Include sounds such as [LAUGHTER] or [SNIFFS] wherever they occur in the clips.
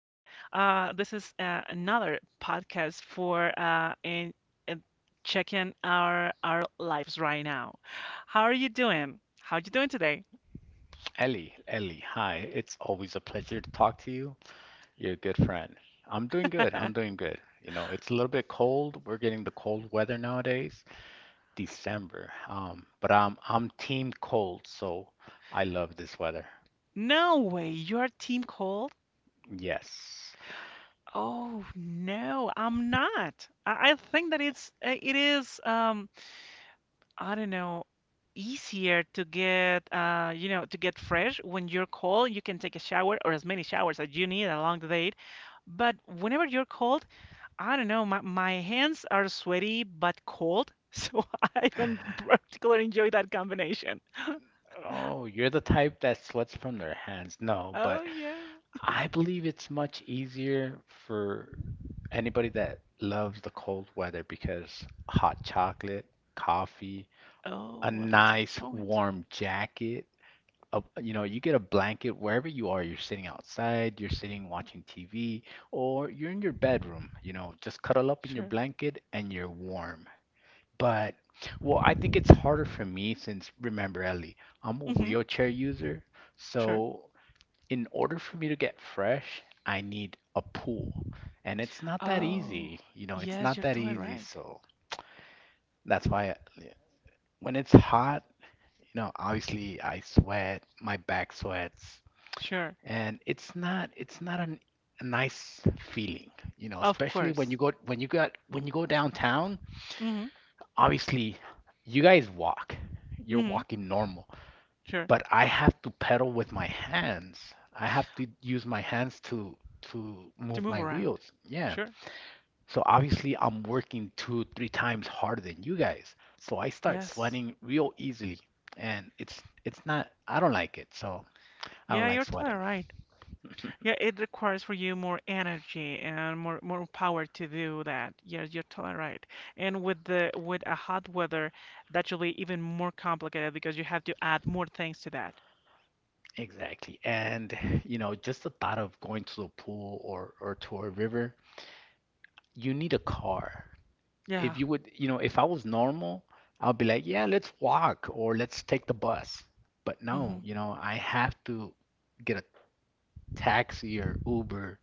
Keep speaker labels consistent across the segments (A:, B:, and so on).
A: This is another podcast for in checking our lives right now. How are you doing? How are you doing today?
B: Ellie, Ellie, hi. It's always a pleasure to talk to you. You're a good friend. I'm doing good. I'm
A: [LAUGHS]
B: doing good. You know, it's a little bit cold. We're getting the cold weather nowadays, December. But I'm team cold, so I love this weather.
A: No way, your team called?
B: Yes.
A: Oh no, I'm not. I think that it's it is. I don't know, easier to get to get fresh. When you're cold, you can take a shower or as many showers as you need along the day. But whenever you're cold, I don't know, my hands are sweaty but cold, [LAUGHS] so I don't particularly enjoy that combination.
B: Oh, you're the type that sweats from their hands. No,
A: Oh
B: but
A: yeah.
B: I believe it's much easier for anybody that loves the cold weather because hot chocolate, coffee, a
A: Oh, well, that's a good
B: nice
A: point.
B: warm jacket. You get a blanket wherever you are. You're sitting outside, you're sitting watching TV, or you're in your bedroom. You know, just cuddle up in your
A: Sure.
B: blanket and you're warm. But, well, I think it's harder for me since, remember, Ellie, I'm a
A: Mm-hmm.
B: wheelchair user.
A: Sure.
B: So, in order for me to get fresh, I need a pool. And it's not that
A: Oh,
B: easy. You know, it's
A: yes,
B: not
A: you're
B: that
A: totally
B: easy.
A: right.
B: So, that's why I, when it's hot, you know, obviously I sweat, my back sweats,
A: Sure.
B: and it's not a nice feeling, you know,
A: Of
B: especially when you
A: course.
B: go when you got when you go downtown.
A: Mm-hmm.
B: Obviously, you guys walk. You're
A: Mm-hmm.
B: walking normal,
A: Sure.
B: but I have to pedal with my hands. I have to use my hands to
A: To
B: move
A: move
B: my
A: around.
B: wheels. Yeah.
A: Sure.
B: So obviously I'm working two, three times harder than you guys. So I start
A: Yes.
B: sweating real easily and it's not I don't like it. So I don't
A: Yeah,
B: like
A: you're totally
B: sweating.
A: right. Yeah, it requires for you more energy and more power to do that. Yeah, you're totally right. And with the with a hot weather, that should be even more complicated because you have to add more things to that.
B: Exactly. And you know, just the thought of going to a pool or to a river, you need a car.
A: Yeah.
B: If you would, you know, if I was normal, I'd be like, yeah, let's walk or let's take the bus. But no,
A: Mm-hmm.
B: you know, I have to get a taxi or Uber.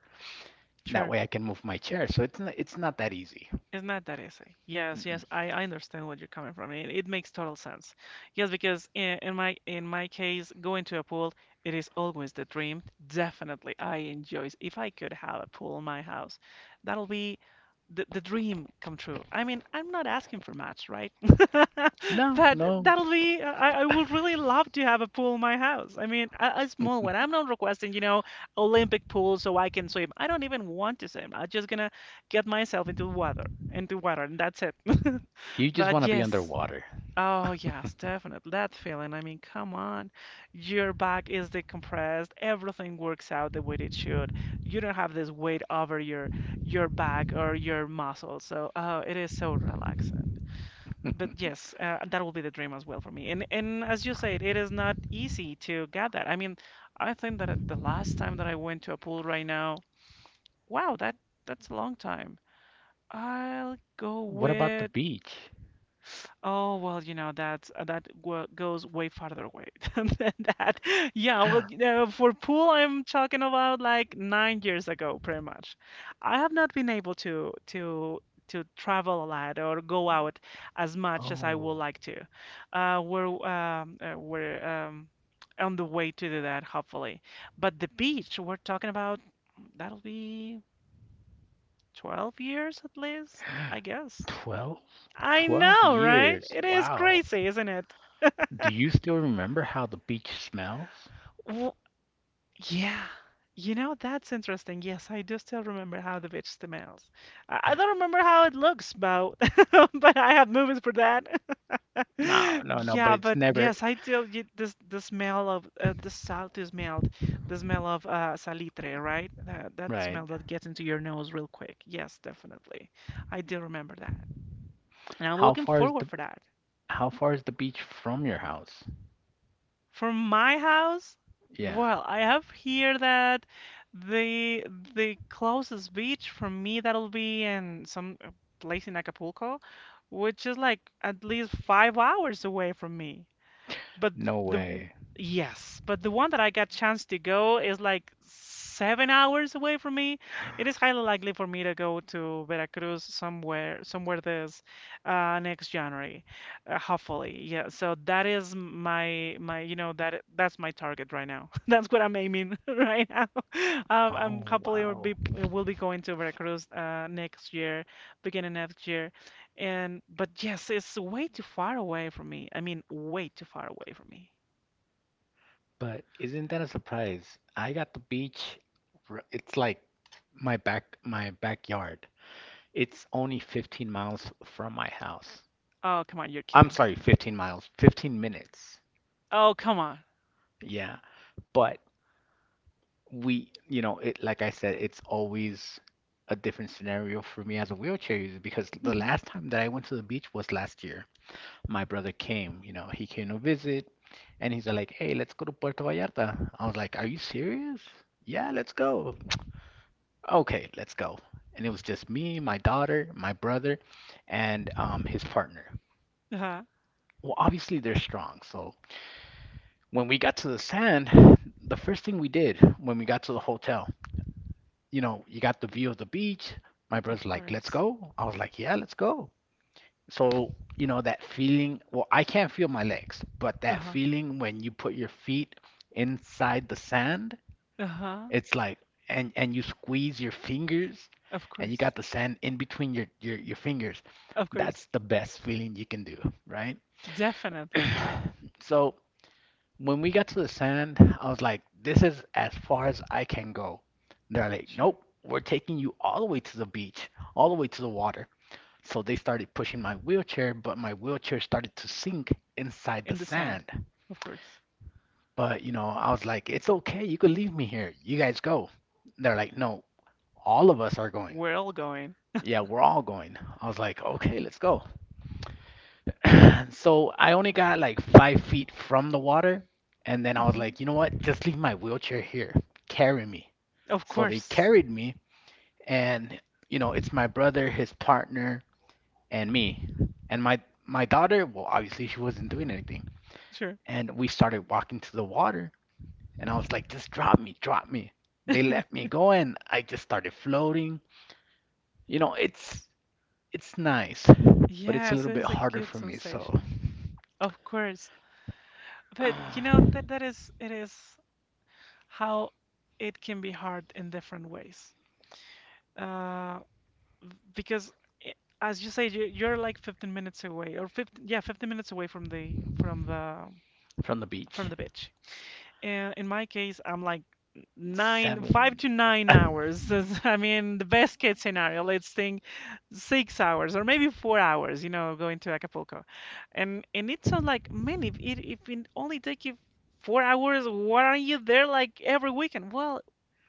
B: That
A: Sure.
B: way I can move my chair. So it's not that easy.
A: It's not that easy. Yes,
B: Mm-mm.
A: yes, I understand where you're coming from. It makes total sense. Yes, because in my case, going to a pool, it is always the dream. Definitely, I enjoy. If I could have a pool in my house, that'll be the dream come true. I mean, I'm not asking for much, right? [LAUGHS]
B: No,
A: But
B: no.
A: that'll be. I would really love to have a pool in my house. I mean, a small
B: [LAUGHS]
A: one. I'm not requesting, you know, Olympic pool so I can swim. I don't even want to swim. I'm just gonna get myself into water, and that's it. [LAUGHS]
B: You just want
A: But
B: to be
A: yes,
B: underwater.
A: oh yes, definitely that feeling. I mean, come on, your back is decompressed, everything works out the way it should. You don't have this weight over your back or your muscles. So, oh, it is so relaxing. But
B: [LAUGHS]
A: yes, that will be the dream as well for me. And as you said, it is not easy to get that. I mean, I think that at the last time that I went to a pool right now, wow, that's a long time. I'll go
B: What about the
A: with.
B: beach?
A: Oh well, you know that goes way farther away [LAUGHS] than that. Yeah, well, you know, for pool, I'm talking about like 9 years ago, pretty much. I have not been able to to travel a lot or go out as much as I would
B: Oh.
A: like to. We're on the way to do that, hopefully. But the beach, we're talking about that'll be 12 years at least, I guess.
B: 12?
A: I
B: 12
A: know, right?
B: years.
A: It is
B: Wow.
A: crazy, isn't it?
B: Do you still remember how the beach smells?
A: W yeah. You know, that's interesting. Yes, I do still remember how the witch smells. I don't remember how it looks, but [LAUGHS] but I had movies for that. [LAUGHS]
B: No, no, no, but
A: Yeah,
B: it's
A: but
B: never
A: yes, I tell you this the smell of the salty smell, the smell of salitre, right? That
B: right.
A: smell that gets into your nose real quick. Yes, definitely. I do remember that. And I'm
B: How
A: looking
B: far is
A: forward
B: the
A: for that.
B: how far is the beach from your house?
A: From my house,
B: Yeah.
A: well, I have here that the closest beach from me that'll be in some place in Acapulco, which is like at least 5 hours away from me. But
B: No
A: the
B: way.
A: yes, but the one that I got chance to go is like 7 hours away from me. It is highly likely for me to go to Veracruz somewhere this next January, hopefully. Yeah, so that is my my you know that's my target right now. [LAUGHS] That's what I'm aiming [LAUGHS] right now. [LAUGHS] I'm
B: Oh,
A: hopefully will be
B: wow.
A: will be going to Veracruz next year, beginning next year. And but yes, it's way too far away from me. I mean, way too far away from me.
B: But isn't that a surprise? I got the beach. It's like my backyard. It's only 15 miles from my house.
A: Oh, come on, you're
B: I'm
A: kidding.
B: sorry, 15 miles, 15 minutes.
A: Oh, come on.
B: Yeah. But we, you know, it like I said, it's always a different scenario for me as a wheelchair user because the
A: Hmm.
B: last time that I went to the beach was last year. My brother came, you know, he came to visit and he's like, "Hey, let's go to Puerto Vallarta." I was like, "Are you serious?" "Yeah, let's go." "Okay, let's go." And it was just me, my daughter, my brother, and his partner.
A: Uh-huh.
B: Well, obviously they're strong, so when we got to the sand, the first thing we did when we got to the hotel, you know, you got the view of the beach. My brother's
A: Of
B: like, let's
A: course.
B: go. I was like, yeah, let's go. So, you know, that feeling, well, I can't feel my legs, but that
A: Uh-huh.
B: feeling when you put your feet inside the sand,
A: Uh-huh.
B: it's like, and you squeeze your fingers
A: Of
B: and you got
A: course.
B: the sand in between your fingers.
A: Of
B: That's
A: course.
B: the best feeling you can do, right?
A: Definitely.
B: So, when we got to the sand, I was like, this is as far as I can go. They're like,
A: Sure.
B: nope, we're taking you all the way to the beach, all the way to the water. So they started pushing my wheelchair, but my wheelchair started to sink inside the
A: In the sand.
B: sand.
A: Of course.
B: But, you know, I was like, it's okay, you can leave me here. You guys go. They're like, no, all of us are going.
A: We're all going.
B: Yeah, we're all going. I was like, okay, let's go. [CLEARS THROAT] So I only got like 5 feet from the water. And then I was
A: Hmm.
B: like, you know what? Just leave my wheelchair here. Carry me.
A: Of
B: So they
A: course.
B: carried me. And, you know, it's my brother, his partner, and me. And my daughter, well, obviously she wasn't doing anything.
A: Sure.
B: And we started walking to the water. And I was like, just drop me, drop me. They let me
A: [LAUGHS]
B: go and I just started floating. You know, it's nice, but it's a
A: Yes,
B: little
A: it
B: bit
A: is a
B: harder
A: good
B: for me, so
A: sensation. Of course. But you know that
B: [SIGHS]
A: that is it is how it can be hard in different ways. Uh, because i- as you say, you're like 15 minutes away or 15, yeah, 15 minutes away from the from the
B: from the
A: from
B: beach.
A: the beach. And in my case, I'm like 9, 5
B: Seven.
A: to nine
B: [LAUGHS]
A: hours [LAUGHS] I mean the best case scenario, let's think, 6 hours or maybe 4 hours, you know, going to Acapulco. And it sounds like, man, if it only take you 4 hours, why are you there like every weekend? Well,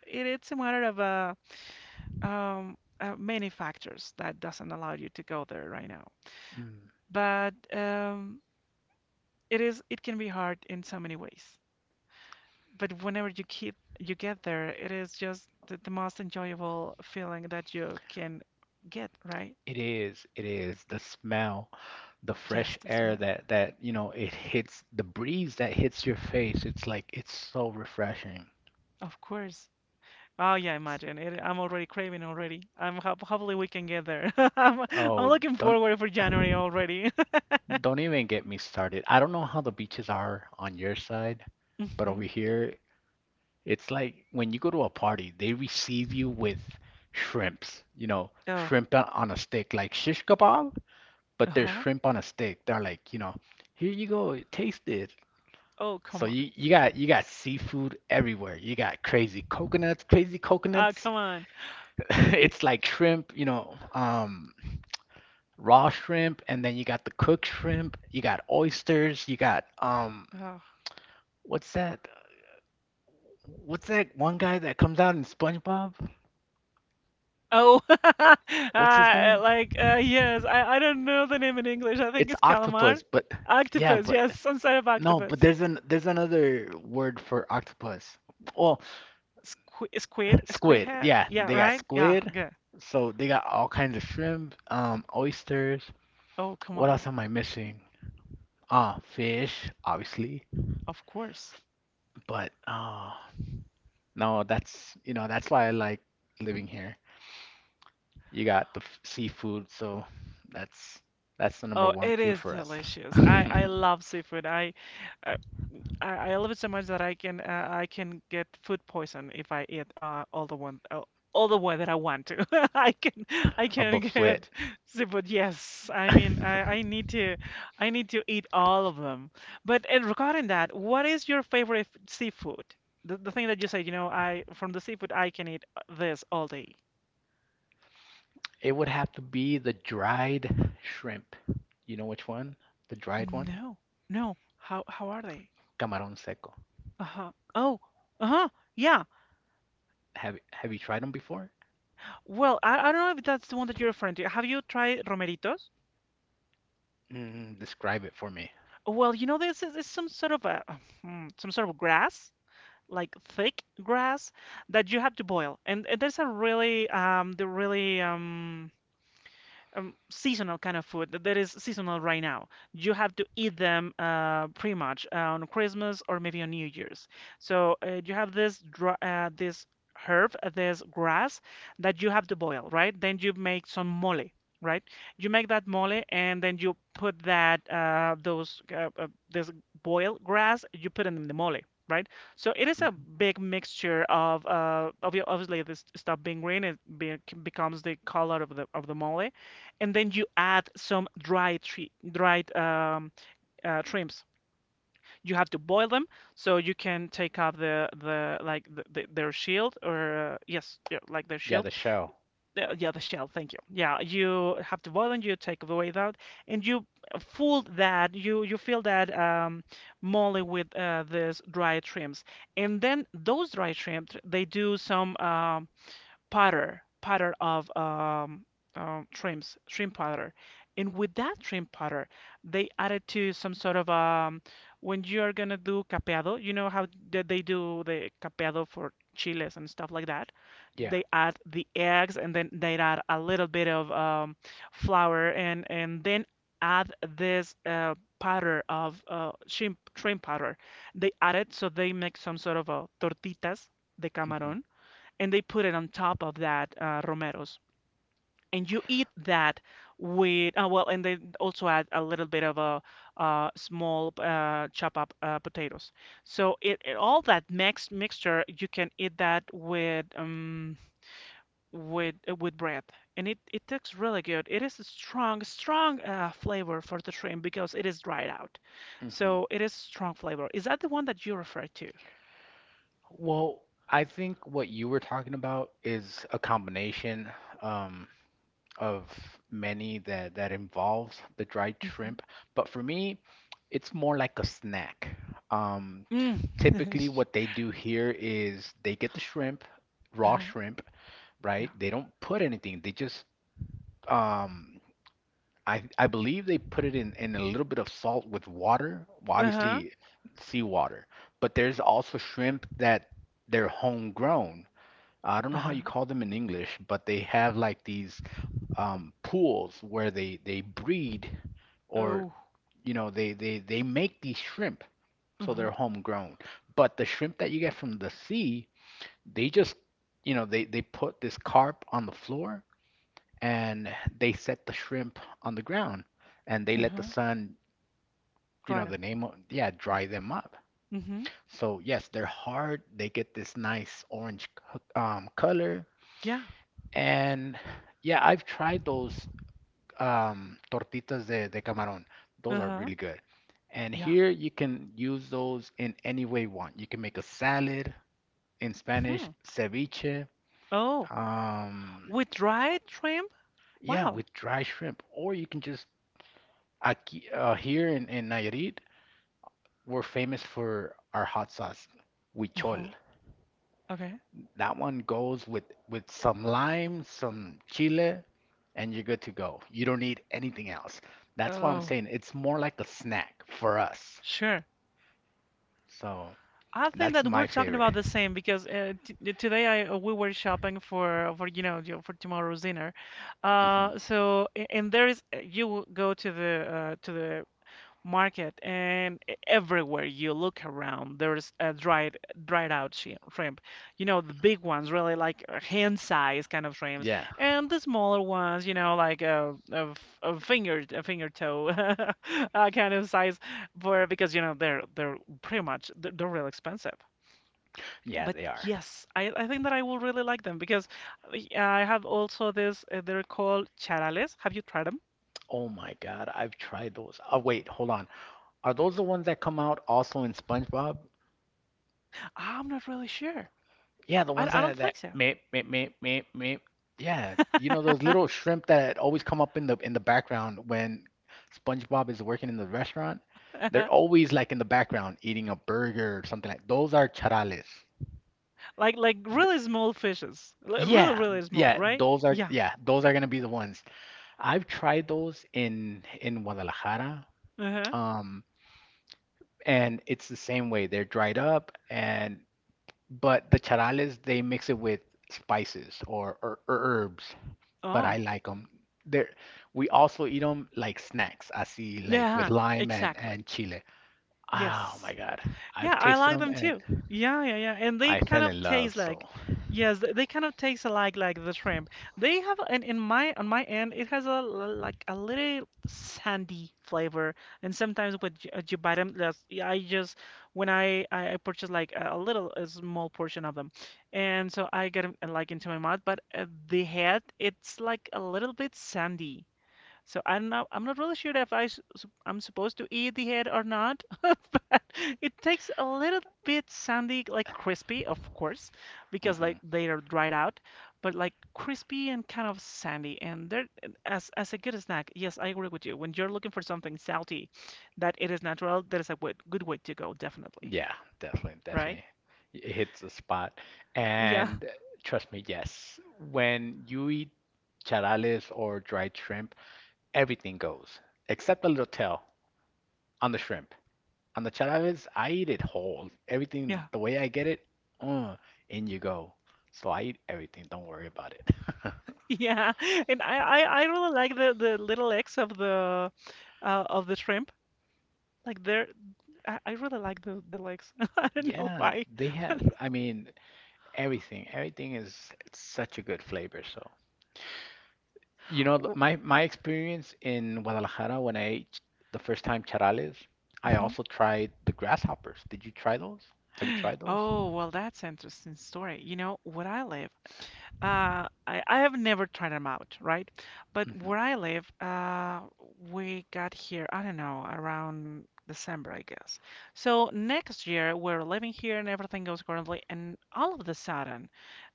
A: it, it's a matter of a um, many factors that doesn't allow you to go there right now.
B: Mm,
A: But it is, it can be hard in so many ways. But whenever you keep you get there, it is just the most enjoyable feeling that you can get, right?
B: it is. It is the smell, the fresh
A: Just the
B: air
A: smell,
B: that that you know it hits the breeze that hits your face. It's like it's so refreshing.
A: of course. Oh yeah, imagine it. I'm already craving already. I'm hop hopefully we can get there. [LAUGHS] I'm
B: Oh,
A: looking
B: don't
A: forward for January already.
B: don't even get me started. I don't know how the beaches are on your side,
A: [LAUGHS]
B: but over
A: Hmm.
B: here it's like when you go to a party, they receive you with shrimps. You know,
A: Oh,
B: shrimp on a stick, like shish kebab, but they're
A: uh-huh.
B: shrimp on a stick. They're like, you know, here you go, taste this.
A: Oh,
B: So
A: come on.
B: you got seafood everywhere. You got crazy coconuts, crazy
A: Ah,
B: coconuts.
A: come on.
B: [LAUGHS] It's like shrimp, you know, raw shrimp, and then you got the cooked shrimp. You got oysters. You got
A: Oh.
B: what's that? What's that one guy that comes out in SpongeBob?
A: Oh, [LAUGHS]
B: What's his name?
A: yes, I don't know the name in English. I think
B: It's
A: it's calamar,
B: octopus, but yeah,
A: octopus.
B: but
A: Yes, instead of
B: no, but
A: octopus.
B: there's another word for octopus. Well,
A: Squid
B: squid.
A: head.
B: Yeah,
A: Yeah,
B: they got
A: right. Yeah,
B: squid.
A: good.
B: So they got all kinds of shrimp, oysters.
A: Oh, come
B: What else
A: on.
B: am I missing? Ah, fish, obviously.
A: Of course.
B: But No, that's you know that's why I like living here. You got the seafood, so that's that's the number
A: Oh,
B: one
A: it
B: food
A: is
B: for us. [LAUGHS]
A: delicious. I love seafood. Uh, I love it so much that I can get food poison if I eat all the way that I want to. [LAUGHS] I can I
B: A
A: can
B: buffet.
A: get seafood. Yes, I
B: [LAUGHS]
A: mean I need to eat all of them. But and regarding that, what is your favorite seafood? The thing that you said, you know, I from the seafood I can eat this all day.
B: It would have to be the dried shrimp. You know which one? The dried one?
A: No, no. How are they?
B: Camarón seco.
A: Uh-huh. Oh, uh-huh. Yeah.
B: Have you tried them before?
A: Well, I don't know if that's the one that you're referring to. Have you tried romeritos?
B: Mm, describe it for me.
A: Well, you know, this is some sort of a some sort of grass, like thick grass that you have to boil. And there's a really the really seasonal kind of food that is seasonal right now. You have to eat them pretty much on Christmas or maybe on New Year's. So you have this herb, this grass that you have to boil, right? Then you make some mole, right? You make that mole and then you put that those this boiled grass, you put it in the mole. Right, so it is a
B: Hmm
A: big mixture of obviously this stuff being green, it be becomes the color of the mole, and then you add some dried shrimps. You have to boil them so you can take off their shield or like their
B: Yeah,
A: shield.
B: the show.
A: Yeah, the shell. Thank you. Yeah, you have to boil them. You take the weight out, and you fill that molly with these dried shrimps, and then those dried shrimps they do some powder of shrimp powder. And with that shrimp powder, they added to some sort of when you are gonna do capeado, you know how they do the capeado for chiles and stuff like that.
B: Yeah.
A: They add the eggs and then they add a little bit of flour, and then add this powder of shrimp shrimp powder. They add it so they make some sort of a tortitas de camarón
B: hmm
A: and they put it on top of that romeros. And you eat that with well, and they also add a little bit of a small chop up potatoes. So it all that mixed mixture you can eat that with with bread, and it tastes really good. It is a strong flavor for the shrimp because it is dried out,
B: hmm
A: so it is strong flavor. Is that the one that you refer to?
B: Well, I think what you were talking about is a combination um, of many that that involves the dried
A: Hmm.
B: shrimp, but for me, it's more like a snack. Um,
A: Mm.
B: typically, what they do here is they get the shrimp,
A: [LAUGHS]
B: raw
A: Uh-huh.
B: shrimp,
A: Yeah.
B: right? They don't put anything. They just um, I believe they put it in a little bit of salt with water. Well,
A: Uh-huh.
B: obviously seawater, but there's also shrimp that they're homegrown. I don't know how
A: Uh-huh.
B: you call them in English, but they have like these pools where they breed, or
A: Oh.
B: you know they make these shrimp, so
A: Uh-huh.
B: they're homegrown. But the shrimp that you get from the sea, they just you know they put this carp on the floor and they set the shrimp on the ground and they let the
A: Uh-huh.
B: sun, you know,
A: Dried up.
B: the name of, yeah, dry them up.
A: Mm-hmm. Mm-hmm.
B: So yes, they're hard. They get this nice orange color.
A: Yeah.
B: And yeah, I've tried those tortitas de camarón. Those are
A: Uh-huh.
B: really good. And
A: Yeah.
B: here you can use those in any way you want. You can make a salad in Spanish,
A: Hmm.
B: ceviche,
A: Oh,
B: um,
A: with dried shrimp?
B: yeah,
A: Wow.
B: with dry shrimp, or you can just aquí, here in Nayarit, we're famous for our hot sauce, huichol.
A: Uh-huh. Okay.
B: That one goes with some lime, some chile, and you're good to go. You don't need anything else. That's why I'm
A: Oh,
B: saying it's more like a snack for us.
A: sure.
B: So
A: I think
B: that's
A: that
B: my
A: we're talking
B: favorite.
A: about the same because t today I we were shopping for you know, for tomorrow's dinner.
B: Hmm
A: And there is you will go to the market, and everywhere you look around there's a dried out shrimp. You know, the big ones, really like hand size kind of shrimps,
B: Yeah,
A: and the smaller ones, you know, like a finger toe [LAUGHS] kind of size, for because you know they're pretty much they're real expensive.
B: yeah,
A: But
B: they are.
A: yes, I think that I will really like them, because I I have also this they're called charales. Have you tried them?
B: Oh my God, I've tried those. Oh wait, hold on. Are those the ones that come out also in SpongeBob?
A: I'm not really sure.
B: Yeah, the
A: I,
B: ones
A: I don't
B: that that
A: think so.
B: meh meh meh meh meh. Yeah, you know those little shrimp that always come up in the background when SpongeBob is working in the restaurant. They're
A: [LAUGHS]
B: always like in the background eating a burger or something like. Those are charales.
A: Like really small fishes. Li- really
B: Yeah,
A: really small, right? Yeah.
B: yeah, those are gonna be the ones. I've tried those in Guadalajara,
A: Uh-huh.
B: um, and it's the same way. They're dried up, and but the charales they mix it with spices or herbs. But I
A: Oh.
B: like them. There, we also eat them like snacks. I see, like with
A: Yeah,
B: lime
A: exactly.
B: and chile. Oh my
A: Yes.
B: God,
A: Yeah,
B: I've
A: I
B: tasted
A: like
B: them
A: them
B: and
A: too. Yeah, yeah, yeah. And they
B: I
A: kind
B: fell
A: of
B: in love.
A: taste
B: So,
A: like, yes, they kind of taste alike like the shrimp. They have, and in my on my end, it has a like a little sandy flavor. And sometimes with you bite them, that's, yeah, I just when I purchase like a small portion of them, and so I get them like into my mouth. But the head, it's like a little bit sandy. So I'm not really sure if I I'm supposed to eat the head or not, [LAUGHS] but it takes a little bit sandy, like crispy, of course, because
B: hmm
A: like they are dried out, but like crispy and kind of sandy, and they're and as a good snack. Yes, I agree with you. When you're looking for something salty, that it is natural, that is a good way to go, definitely.
B: yeah, definitely,
A: Right?
B: definitely, it hits the spot.
A: Yeah,
B: And trust me, yes, when you eat charales or dried shrimp, everything goes except the little tail on the shrimp. On the Chalavis, I eat it whole. Everything,
A: yeah. [LAUGHS]
B: the way I get it, uh, in you go. So I eat everything. Don't worry about it. [LAUGHS]
A: Yeah, and I really like the little legs of the shrimp. Like there, I really like the legs. [LAUGHS] I don't know
B: Yeah,
A: why.
B: they have, I mean, everything. Everything is it's such a good flavor. So, you know,
A: W-
B: my my experience in Guadalajara when I ate the first time charales, I
A: Mhm.
B: also tried the grasshoppers. Did you try those? Have you tried those?
A: Oh, well, that's interesting story. You know, where I live, I have never tried them out, right? But
B: Hmm
A: where I live, we got here, I don't know, around December, I guess. So next year we're living here and everything goes accordingly, and all of the sudden,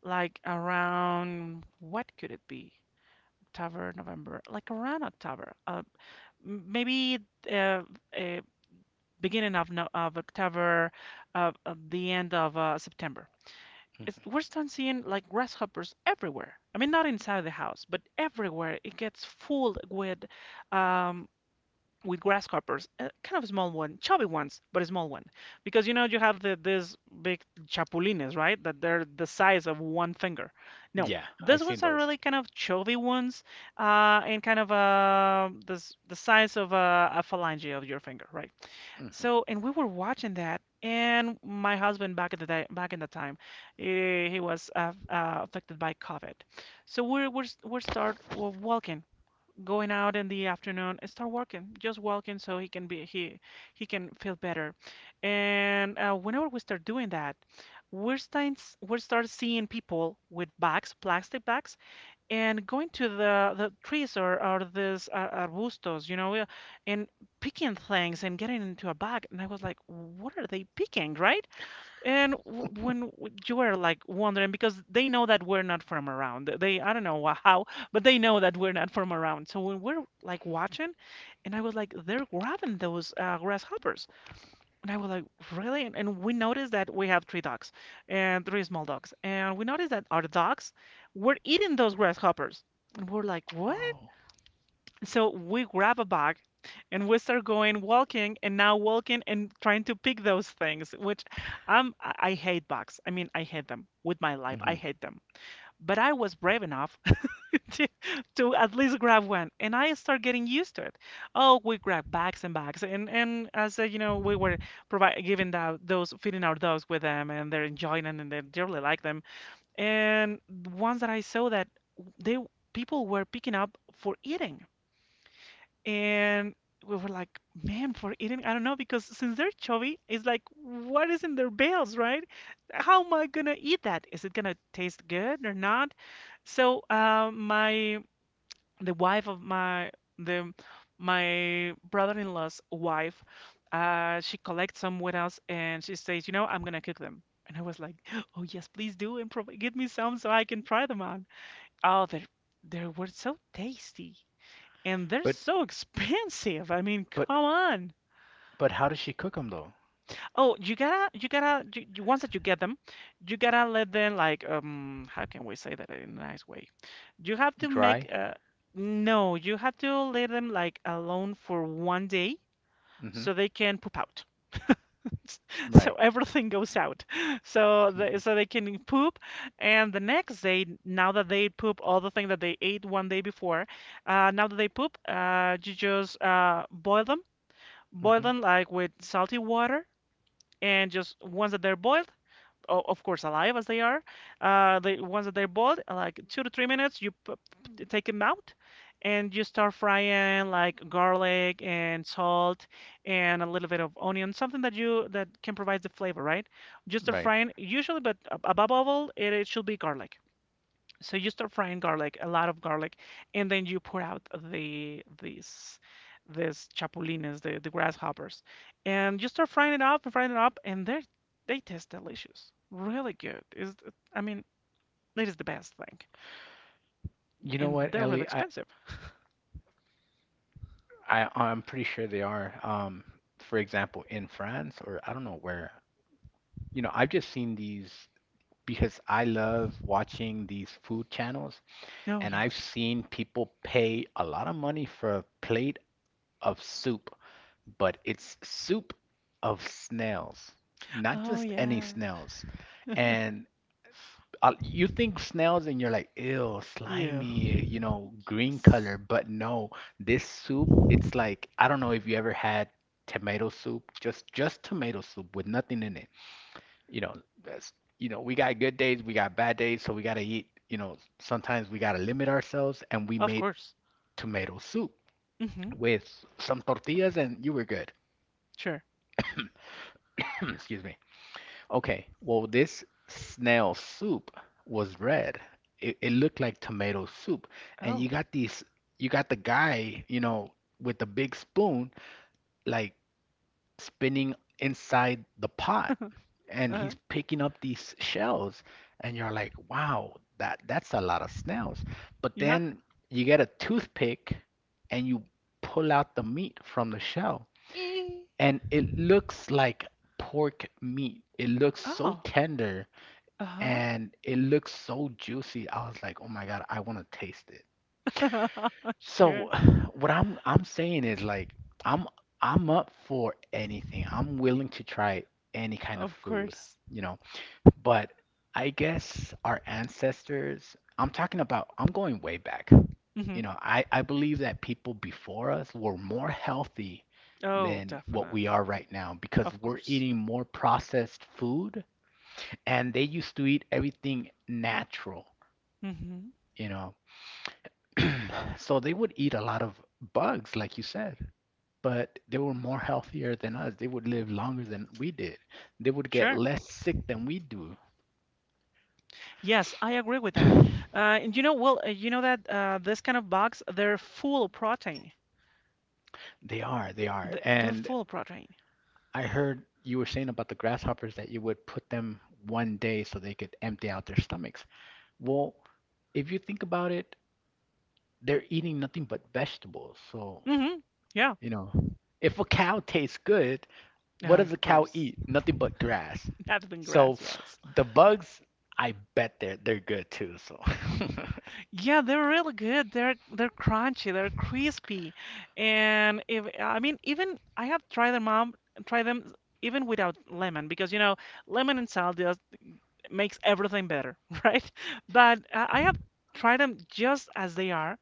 A: like around what could it be? October, November, like around October, maybe uh, uh, beginning of, no, of October, the end of September. It's,
B: hmm
A: we're starting seeing like grasshoppers everywhere. I mean, not inside the house, but everywhere. It gets full um, with grasshoppers, a kind of small one, chubby ones, but a small one, because you know you have these big chapulines, right? That they're the size of one finger. No,
B: Yeah, I've
A: these
B: seen
A: ones are
B: those.
A: really kind of chubby ones, and kind of this the size of a phalange of your finger, right?
B: Hmm
A: So, and we were watching that, and my husband back at the day, back in the time, he was affected by COVID, so we're walking going out in the afternoon, start walking, just walking so he can be he can feel better. And whenever we start doing that, we start seeing people with bags, plastic bags, and going to the trees or these arbustos, you know, and picking things and getting into a bag. And I was like, what are they picking, right? And when you are like wondering, because they know that we're not from around, they I don't know how, but they know that we're not from around. So when we're like watching, and I was like, they're grabbing those grasshoppers, and I was like, really? And we noticed that we have three dogs, and three small dogs, and we noticed that our dogs were eating those grasshoppers, and we're like, what?
B: Oh.
A: So we grab a bag and we start going walking and now walking and trying to pick those things, which I hate bugs. I mean, I hate them with my life. I
B: hmm
A: hate them. But I was brave enough [LAUGHS] to, to at least grab one, and I start getting used to it. Oh, we grab bags and bags and we were provide, giving the, those, feeding our dogs with them, and they're enjoying it and they really like them. And the ones that I saw that they people were picking up for eating. And we were like, man, for eating, I don't know, because since they're chubby, it's like, what is in their bills, right? How am I gonna eat that? Is it gonna taste good or not? So, my the wife of my the my brother-in-law's wife, she collects some with us, and she says, you know, I'm gonna cook them. And I was like, [GASPS] oh yes, please do, and prov give me some so I can try them on. Oh, they were so tasty, and they're
B: But
A: so [LAUGHS] expensive. I mean,
B: but
A: come on.
B: how does she cook them though?
A: Oh, you gotta, you gotta, you- once that you get them, you gotta let them like, how can we say that in a nice way? You have to make,
B: Dry?
A: no, you have to let them like alone for one day
B: Hmm
A: so they can poop out. [LAUGHS] So
B: Right.
A: everything goes out. [LAUGHS]
B: hmm
A: So they can poop, and the next day, now that they poop all the thing that they ate one day before, now that they poop, you just boil them boil
B: hmm
A: them like with salty water, and just once that they're boiled, of course alive as they are, the ones that they're boiled like 2 to 3 minutes, you take them out, and you start frying like garlic and salt, and a little bit of onion, something that you that can provide the flavor, right? Just start
B: Right.
A: frying usually, but above all, it should be garlic. So you start frying garlic, a lot of garlic, and then you pour out the these chapulines, the grasshoppers, and you start frying it up and frying it up, and they taste delicious, really good. Is I mean, it is the best thing,
B: You know
A: and
B: what,
A: they're really
B: Ellie? I,
A: expensive.
B: I, I'm pretty sure they are. For example, in France or I don't know where. You know, I've just seen these because I love watching these food channels,
A: Oh
B: and
A: yeah,
B: I've seen people pay a lot of money for a plate of soup, but it's soup of snails, not
A: oh
B: just any
A: yeah,
B: snails. And you think snails and you're like, ew,
A: yeah,
B: slimy, you know, green
A: yes,
B: color. But no, this soup, it's like, I don't know if you ever had tomato soup, just tomato soup with nothing in it. You know, that's, we got good days, we got bad days, so we gotta eat, sometimes we gotta limit ourselves, and we
A: of
B: made
A: course.
B: tomato soup
A: Mm-hmm.
B: with some tortillas, and you were good.
A: Sure.
B: [COUGHS] [CLEARS THROAT] Excuse me. Okay, well, this snail soup was red. It looked like tomato soup. And you
A: Oh,
B: got these, you got the guy, with the big spoon, like spinning inside the pot,
A: [LAUGHS]
B: and
A: uh,
B: he's picking up these shells. And you're like, wow, that's a lot of snails. But
A: yeah.
B: then you get a toothpick and you pull out the meat from the shell,
A: Eh.
B: and it looks like pork meat. It looks so
A: Oh,
B: tender
A: uh-huh.
B: and it looks so juicy. I was like, "Oh my God, I want to taste it."
A: [LAUGHS] Sure,
B: So [SIGHS] what I'm saying is like I'm I'm up for anything. I'm willing to try any kind of
A: of
B: food,
A: course.
B: you know. But I guess our ancestors, I'm talking about, I'm going way back.
A: Mhm.
B: I believe that people before us were more healthy
A: Oh,
B: than what we
A: definitely.
B: are right now because
A: Of
B: we're
A: course.
B: eating more processed food and they used to eat everything natural.
A: Hmm.
B: you know. [CLEARS THROAT] So they would eat a lot of bugs, like you said, but they were more healthier than us. They would live longer than we did. They would get
A: Sure.
B: less sick than we do.
A: Yes, I agree with that.
B: [CLEARS THROAT]
A: And you know, well, you know that this kind of bugs, they're full of protein.
B: They are, they are.
A: They're
B: And
A: full of protein.
B: I heard you were saying about the grasshoppers that you would put them one day so they could empty out their stomachs. Well, if you think about it, they're eating nothing but vegetables. So,
A: Hmm. Yeah.
B: you know, if a cow tastes good, what
A: Oh,
B: does a
A: of
B: cow
A: course.
B: eat? Nothing but grass.
A: [LAUGHS] That
B: So
A: grass, yes.
B: the bugs, I bet they're good too. So. [LAUGHS]
A: Yeah, they're really good. They're crunchy, they're crispy. And if I mean even I have tried them out, try them even without lemon because you know, lemon and salt makes everything better, [LAUGHS] right? But I have tried them just as they are,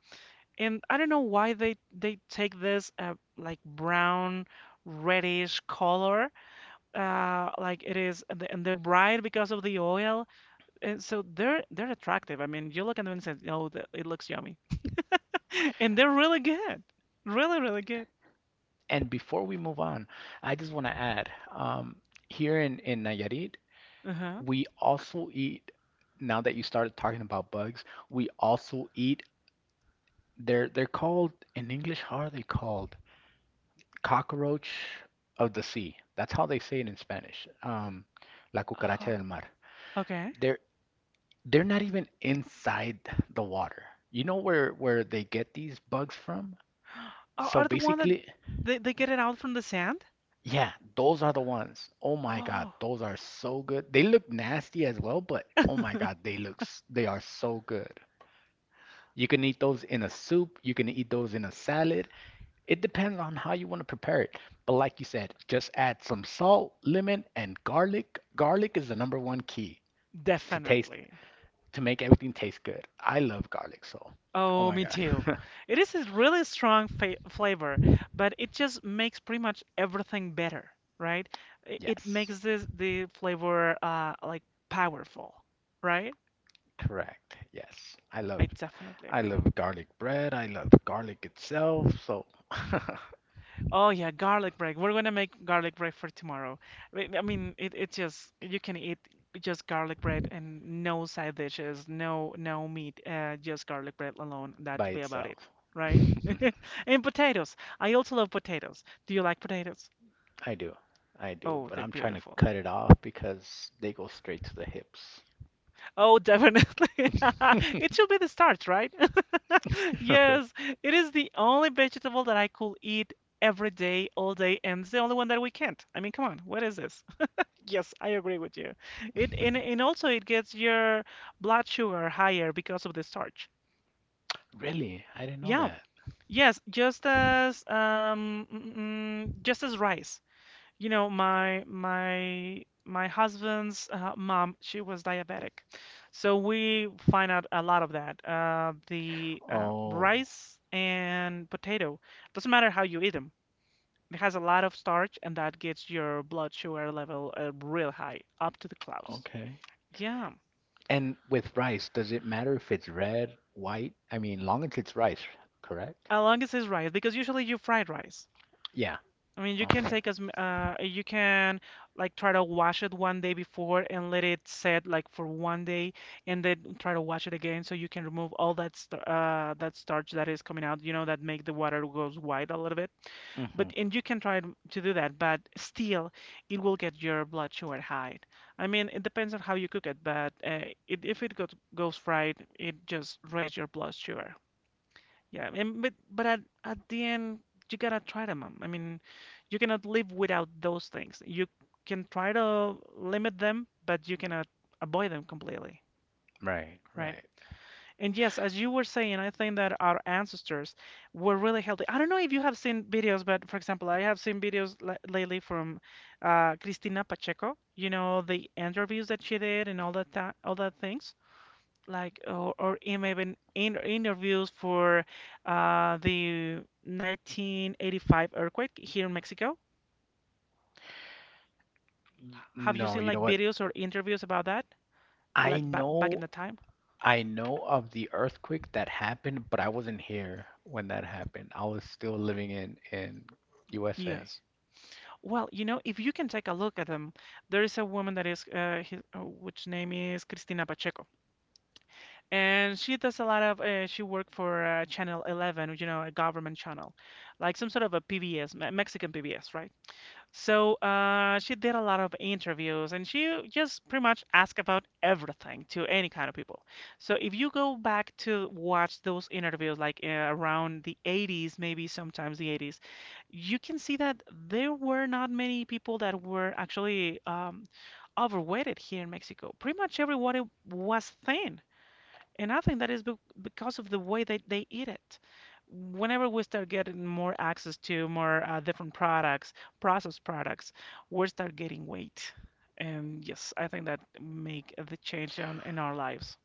A: and I don't know why they take this like brown reddish color, like it is, and they- and they're bright because of the oil, and so they're attractive. I mean, you look at them and say, "Oh, it looks yummy," [LAUGHS] and they're really good, really really good.
B: And before we move on, I just want to add, here in Nayarit,
A: Uh-huh.
B: we also eat. Now that you started talking about bugs, we also eat. They're called in English. How are they called? Cockroach of the sea. That's how they say it in Spanish. La
A: Uh-huh.
B: cucaracha del mar.
A: Okay.
B: They're They're not even inside the water. You know where they get these bugs from?
A: [GASPS] Are,
B: So
A: are the one that
B: basically,
A: they get it out from the sand?
B: yeah, those are the ones. Oh my God,
A: Oh,
B: those are so good. They look nasty as well, but oh my God,
A: [LAUGHS]
B: they are so good. You can eat those in a soup, you can eat those in a salad. It depends on how you want to prepare it. But like you said, just add some salt, lemon, and garlic. Garlic is the number one key to taste
A: definitely.
B: to make everything taste good. I love garlic, so oh
A: Oh,
B: my
A: me too.
B: God. [LAUGHS]
A: It is a really strong fa flavor, but it just makes pretty much everything better, right? I- It
B: Yes,
A: makes this the flavor like powerful, right?
B: correct. Yes, I love,
A: I definitely
B: I
A: agree.
B: love garlic bread. I love garlic itself. So [LAUGHS]
A: Oh yeah, garlic bread. We're gonna make garlic bread for tomorrow. I mean, it just you can eat just garlic bread and no side dishes, no meat, just garlic bread alone.
B: by
A: That'll be about it,
B: itself. [LAUGHS]
A: right? [LAUGHS] And potatoes. I also love potatoes. Do you like potatoes?
B: I do, I do.
A: Oh,
B: But
A: they're
B: I'm trying to
A: beautiful.
B: cut it off because they go straight to the hips.
A: Oh, definitely. [LAUGHS] It should
B: [LAUGHS]
A: be the starch, right? [LAUGHS] Yes, it is the only vegetable that I could eat every day, all day, and it's the only one that we can't. I mean, come on, what is this? [LAUGHS] Yes, I agree with you. It and also it gets your blood sugar higher because of the starch.
B: Really? I didn't know
A: Yeah,
B: that.
A: yes, just as just as rice. You know, my husband's mom, she was diabetic, so we find out a lot of that. The
B: Oh,
A: rice and potato, doesn't matter how you eat them, it has a lot of starch, and that gets your blood sugar level real high, up to the clouds.
B: okay.
A: Yeah,
B: And with rice, does it matter if it's red, white? I mean, long as it's rice, correct?
A: as long as it's rice, because usually you fried rice.
B: Yeah.
A: I mean, you can
B: Okay.
A: take you can like try to wash it one day before and let it set like for one day, and then try to wash it again so you can remove all that st that starch that is coming out. You know that make the water goes white a little bit.
B: Hmm.
A: But and you can try to do that, but still it will get your blood sugar high. I mean, it depends on how you cook it, but if it goes fried, it just raise your blood sugar. Yeah, and but at the end you gotta try them. I mean, you cannot live without those things. You can try to limit them, but you cannot avoid them completely,
B: Right,
A: right?
B: right.
A: And yes, as you were saying, I think that our ancestors were really healthy. I don't know if you have seen videos, but for example, I have seen videos l lately from Cristina Pacheco. You know, the interviews that she did and all that things like or even in interviews for the 1985 earthquake here in Mexico. Have you
B: No,
A: seen
B: you know
A: like
B: what?
A: videos or interviews about that,
B: I
A: like back in
B: know,
A: the time?
B: I know of the earthquake that happened, but I wasn't here when that happened. I was still living in USA.
A: Yes. Well, you know, if you can take a look at them, there is a woman that is, which name is Cristina Pacheco, and she does a lot of, she worked for Channel 11, you know, a government channel, like some sort of a PBS, Mexican PBS, right? So she did a lot of interviews and she just pretty much asked about everything to any kind of people. So if you go back to watch those interviews, like around the 80s, maybe sometimes the 80s, you can see that there were not many people that were actually overweighted here in Mexico. Pretty much everybody was thin. And I think that is be because of the way that they eat it. Whenever we start getting more access to more different products, processed products, we start getting weight. And yes, I think that make the change in our lives.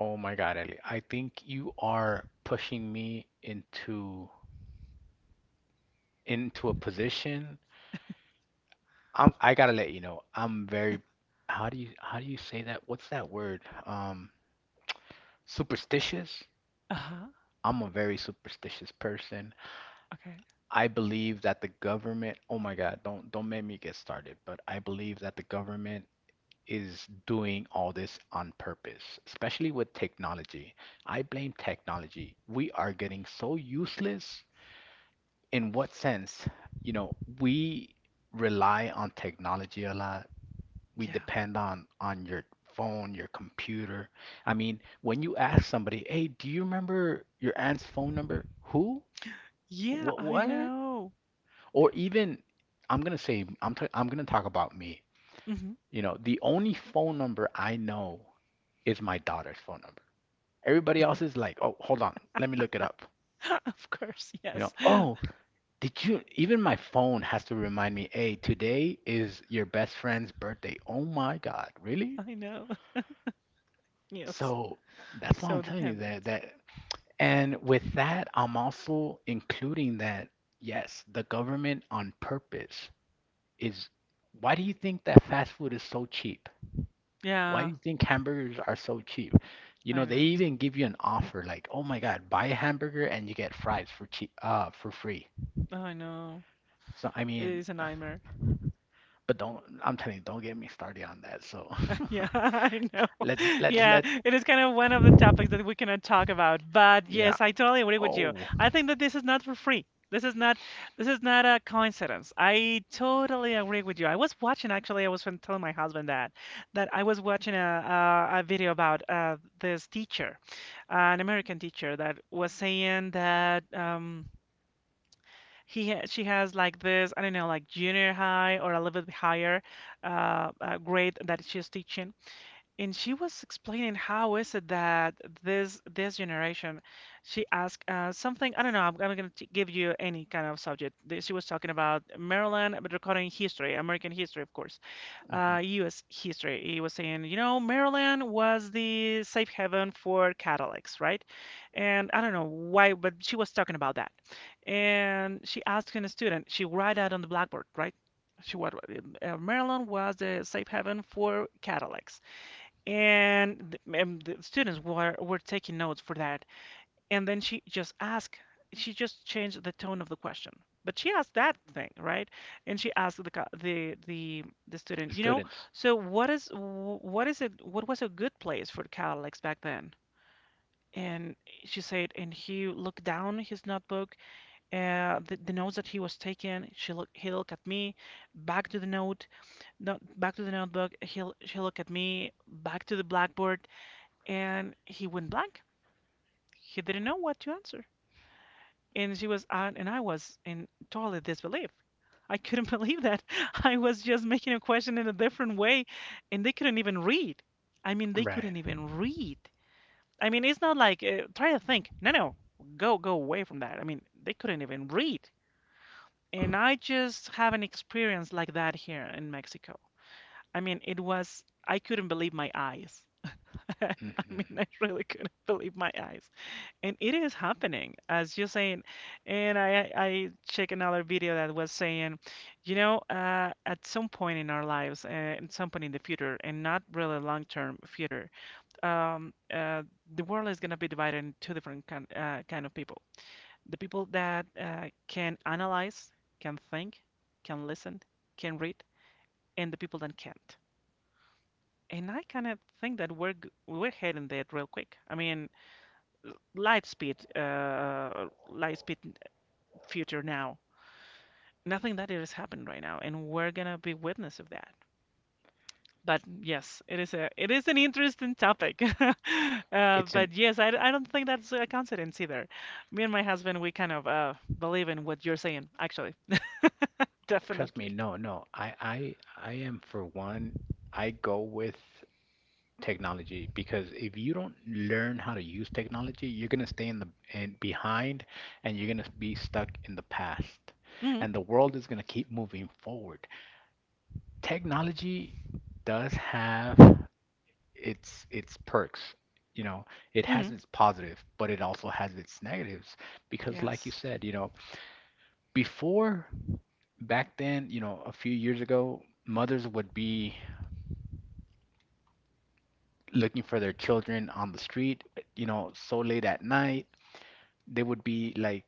B: Oh my God, Ellie, I think you are pushing me into a position. I gotta let you know, I'm very, how do you say that? What's that word? Superstitious?
A: Uh-huh.
B: I'm a very superstitious person.
A: Okay.
B: I believe that the government, oh my God, don't make me get started, but I believe that the government is doing all this on purpose, especially with technology. I blame technology. We are getting so useless. In what sense? We rely on technology a lot. We
A: Yeah.
B: depend on your phone, your computer. I mean, when you ask somebody, "Hey, do you remember your aunt's phone number?" Who?
A: Yeah,
B: What?
A: I
B: What?
A: know.
B: Or even I'm gonna say I'm t- I'm gonna talk about me.
A: Hmm.
B: You know, the only phone number I know is my daughter's phone number. Everybody else is like, oh, hold on, let me look it up.
A: [LAUGHS] Of course, yes.
B: Oh, did you? Even my phone has to remind me, hey, today is your best friend's birthday. Oh my God, really?
A: I know. [LAUGHS] Yes.
B: So that's why I'm
A: So
B: telling you that
A: dependent.
B: that. And with that, I'm also including that yes, the government on purpose is. Why do you think that fast food is so cheap? Why do
A: Yeah,
B: you think hamburgers are so cheap?
A: I
B: They
A: know.
B: even give you an offer like, "Oh my God, buy a hamburger and you get fries for cheap, for free."
A: I know.
B: So I
A: It
B: mean,
A: is a nightmare.
B: but don't, I'm telling you, don't get me started on that. So
A: Yeah, [LAUGHS] I know.
B: [LAUGHS]
A: [LAUGHS] Yeah,
B: let's
A: it is kind of one of the topics that we cannot talk about. But
B: yeah.
A: yes, I totally agree with you.
B: Oh.
A: I think that this is not for free. This is not this is not a coincidence. I totally agree with you. I was watching actually, I was telling my husband that I was watching a video about this teacher, an American teacher that was saying that he ha she has like this, I don't know, like junior high or a little bit higher grade that she's teaching and she was explaining how is it that this generation, she asked something. I don't know. I'm gonna give you any kind of subject. She was talking about Maryland, but recording history, American history, of course,
B: Hmm.
A: U.S. history. He was saying, you know, Maryland was the safe haven for Catholics, right? And I don't know why, but she was talking about that. And she asked a student. She write out on the blackboard, right? She what? Maryland was the safe haven for Catholics and the students were taking notes for that, and then she just changed the tone of the question, but she asked that thing, right, and she asked the co- the student, you know,
B: Students,
A: so what is wh- what is it what was a good place for Catholics back then. And she said, and he looked down his notebook, the notes that he was taking. She look He looked at me, back to the notebook. She looked at me, back to the blackboard, and he went blank. He didn't know what to answer. And I was in total disbelief. I couldn't believe that. [LAUGHS] I was just making a question in a different way, and they couldn't even read. I mean, they
B: right.
A: couldn't even read. I mean, it's not like try to think. No, no, go away from that. I mean, they couldn't even read. And I just have an experience like that here in Mexico. I mean, it was I couldn't believe my eyes. [LAUGHS] I
B: Hmm.
A: mean, I really couldn't believe my eyes. And it is happening, as you're saying. And I check another video that was saying, you know, at some point in our lives, at some point in the future, and not really long-term future, um, uh, the world is gonna be divided into two different kind of people. The people that can analyze, can think, can listen, can read, and the people that can't. And I kind of think that we're heading there real quick. I mean, light speed future now. Nothing that it has happened right now, and we're gonna be witness of that. But yes, it is an interesting topic. [LAUGHS]
B: It's an
A: But yes, I don't think that's a coincidence either. Me and my husband, we kind of believe in what you're saying, actually, [LAUGHS]
B: Trust me,
A: definitely.
B: no, no. I am for one, I go with technology because if you don't learn how to use technology, you're gonna stay in the in behind and you're gonna be stuck in the past.
A: Hmm.
B: And the world is gonna keep moving forward. Technology does have its perks. You know, it has
A: Hmm.
B: its positive, but it also has its negatives because like you
A: Yes,
B: said, before back then, a few years ago, mothers would be looking for their children on the street, so late at night, they would be like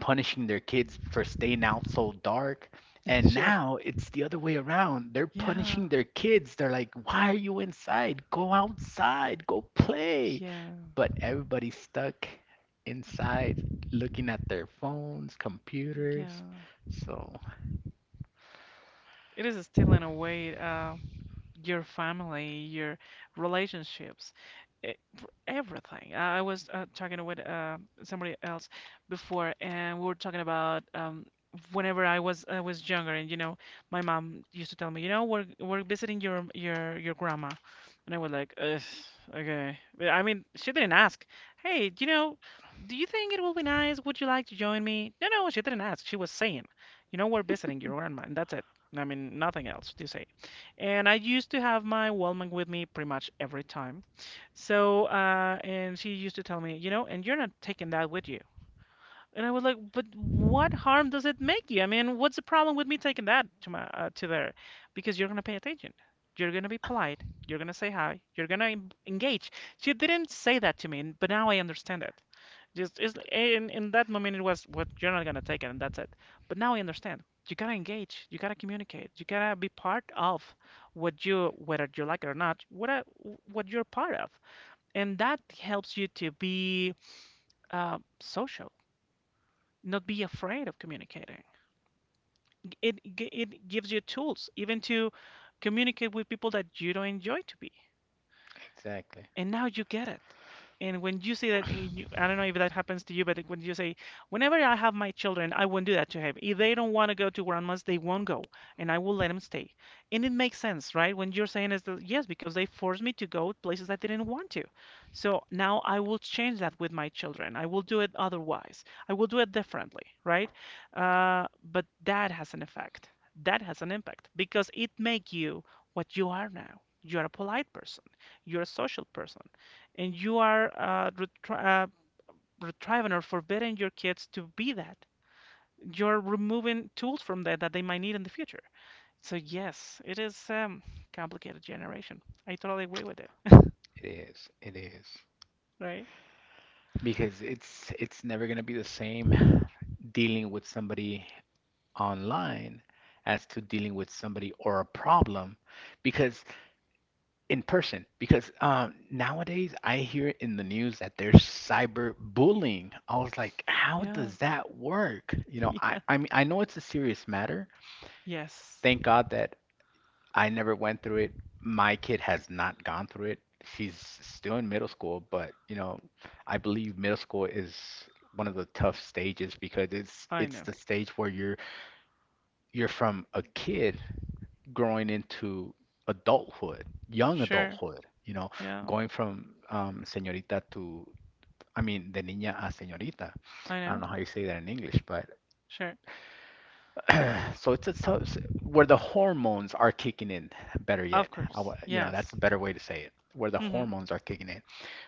B: punishing their kids for staying out so dark.
A: [LAUGHS]
B: And
A: sure.
B: now it's the other way around. They're
A: Yeah,
B: punishing their kids. They're like, why are you inside? Go outside, go play.
A: yeah,
B: But everybody's stuck inside looking at their phones, computers.
A: yeah.
B: So,
A: It is still in a way. Your family, your relationships, everything. I was talking with somebody else before, and we were talking about whenever I was younger, and you know, my mom used to tell me, you know, we're visiting your grandma, and I was like, Ugh, okay. But, I mean, she didn't ask, hey, you know, do you think it will be nice? Would you like to join me? No, no, she didn't ask. She was saying, you know, we're visiting your grandma, and that's it. I mean, nothing else to say. And I used to have my wellman with me pretty much every time. So, and she used to tell me, you know, and you're not taking that with you. And I was like, but what harm does it make you? I mean, what's the problem with me taking that to my to there? Because you're gonna pay attention. You're gonna be polite. You're gonna say hi. You're gonna engage. She didn't say that to me, but now I understand it. Just it's, in that moment it was what you're not gonna take it and that's it. But now I understand. You gotta engage. You gotta communicate. You gotta be part of what you, whether you like it or not. What you're part of, and that helps you to be social. Not be afraid of communicating. It gives you tools even to communicate with people that you don't enjoy to be.
B: exactly.
A: And now you get it. And when you say that, and you, I don't know if that happens to you, but when you say, whenever I have my children, I won't do that to him. If they don't want to go to grandma's, they won't go, and I will let them stay. And it makes sense, right? When you're saying is that, yes, because they forced me to go places I didn't want to. So now I will change that with my children. I will do it otherwise. I will do it differently, right? But that has an effect. That has an impact because it makes you what you are now. You are a polite person. You're a social person, and you are retrieving or forbidding your kids to be that. You're removing tools from that that they might need in the future. So yes, it is complicated generation. I totally agree with it.
B: It is. It is.
A: Right?
B: Because it's never gonna be the same dealing with somebody online as to dealing with somebody or a problem, because in person, because nowadays I hear in the news that there's cyber bullying. I was like, how
A: Yeah.
B: does that work?
A: [LAUGHS]
B: I
A: Yeah.
B: i mean I know it's a serious matter.
A: Yes.
B: Thank God that I never went through it. My kid has not gone through it. She's still in middle school, but I believe middle school is one of the tough stages because it's
A: I
B: it's
A: know.
B: the stage where you're from a kid growing into adulthood, young
A: Sure.
B: adulthood,
A: Yeah.
B: going from señorita to, I mean, de niña a señorita.
A: I
B: I don't
A: know.
B: know how you say that in English, but
A: Sure.
B: [CLEARS THROAT] so it's where the hormones are kicking in, better
A: Of
B: yet.
A: course.
B: That's
A: Yes.
B: a better way to say it, where the
A: Mm-hmm.
B: hormones are kicking in.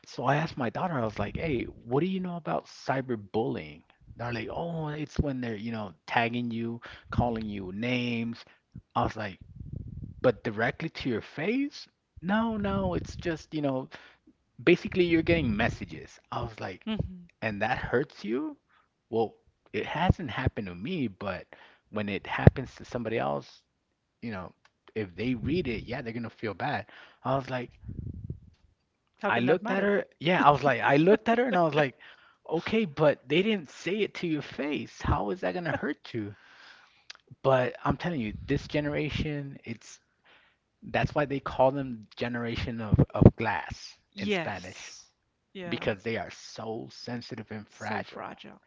B: So I asked my daughter, I was like, hey, what do you know about cyberbullying? They're like, oh, it's when they're, tagging you, calling you names. I was like, but directly to your face? No, no, it's just, basically you're getting messages. I was like,
A: Mm-hmm.
B: and that hurts you? Well, it hasn't happened to me, but when it happens to somebody else, you know, if they read it, yeah, they're gonna feel bad. I was like,
A: How
B: I
A: can that
B: looked at
A: matter?
B: her. Yeah, I was like, I looked at her and I was like, okay, but they didn't say it to your face. How is that gonna hurt you? But I'm telling you, this generation. It's That's why they call them generation of glass in Spanish
A: Yes. Yeah.
B: because they are so sensitive and
A: So
B: fragile.
A: fragile.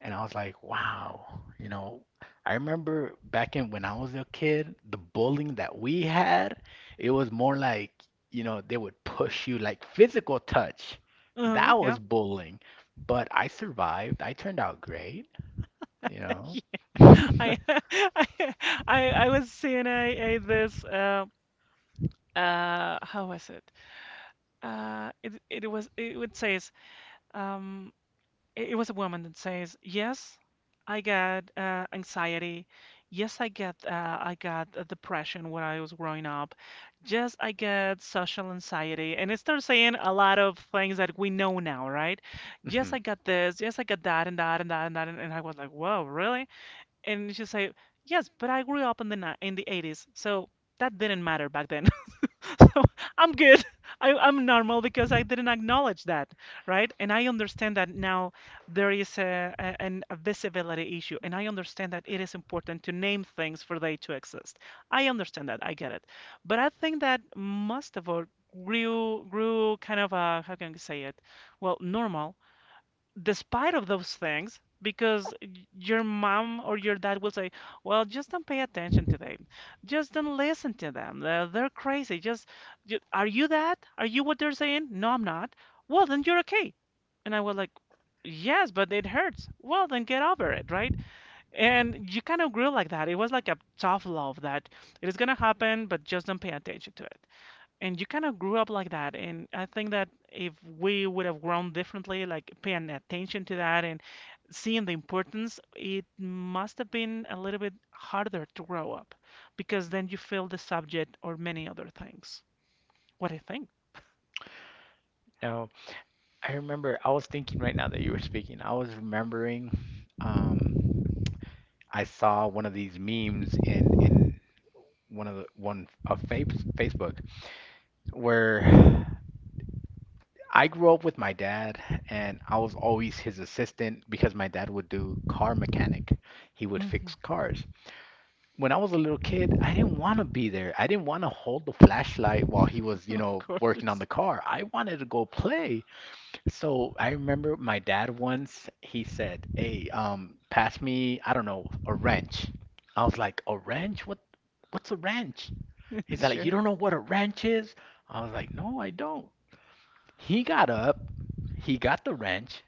B: And I was like, wow, I remember back in when I was a kid, the bullying that we had, it was more like, they would push you like physical touch.
A: Uh-huh.
B: That
A: Yeah.
B: was bullying. But I survived. I turned out great, you know.
A: Yeah, [LAUGHS] I
B: [LAUGHS]
A: [LAUGHS] I I was seeing a this how was it? It it was it would says um it, it was a woman that says, yes I got anxiety, yes I get I got depression when I was growing up, yes I get social anxiety, and it starts saying a lot of things that we know now, right, yes I
B: Mhm.
A: got this, yes I got that and that and that and that and I was like, whoa, really. And she said, "Yes, but I grew up in the in the 80s, so that didn't matter back then. [LAUGHS] So I'm good. [LAUGHS] I'm normal because I didn't acknowledge that, right? And I understand that now there is a visibility issue, and I understand that it is important to name things for they to exist. I understand that. I get it. But I think that most of us grew kind of a, how can I say it? Well, normal despite of those things because your mom or your dad will say, well, just don't pay attention to them, just don't listen to them, they're crazy. Are you that? Are you what they're saying? No, I'm not. Well, then you're okay. And I was like, yes, but it hurts. Well, then get over it, right? And you kind of grew like that. It was like a tough love, that it is going to happen, but just don't pay attention to it, and you kind of grew up like that. And I think that if we would have grown differently, like paying attention to that and seeing the importance, it must have been a little bit harder to grow up because then you fail the subject or many other things. What do you think?
B: I remember I was thinking right now that you were speaking. I was remembering um I saw one of these memes in one of Fape's Facebook where I grew up with my dad and I was always his assistant because my dad would do car mechanic. He would fix
A: Hmm.
B: cars. When I was a little kid, I didn't want to be there. I didn't want to hold the flashlight while he was,
A: [LAUGHS] Of
B: working on the
A: course.
B: car. I wanted to go play. So I remember my dad once, he said, "Hey, pass me, I don't know, a wrench." I was like, "A wrench? What's a wrench?"
A: [LAUGHS]
B: He's like, "You
A: Sure.
B: don't know what a wrench is?" I was like, "No, I don't." He got up, he got the wrench,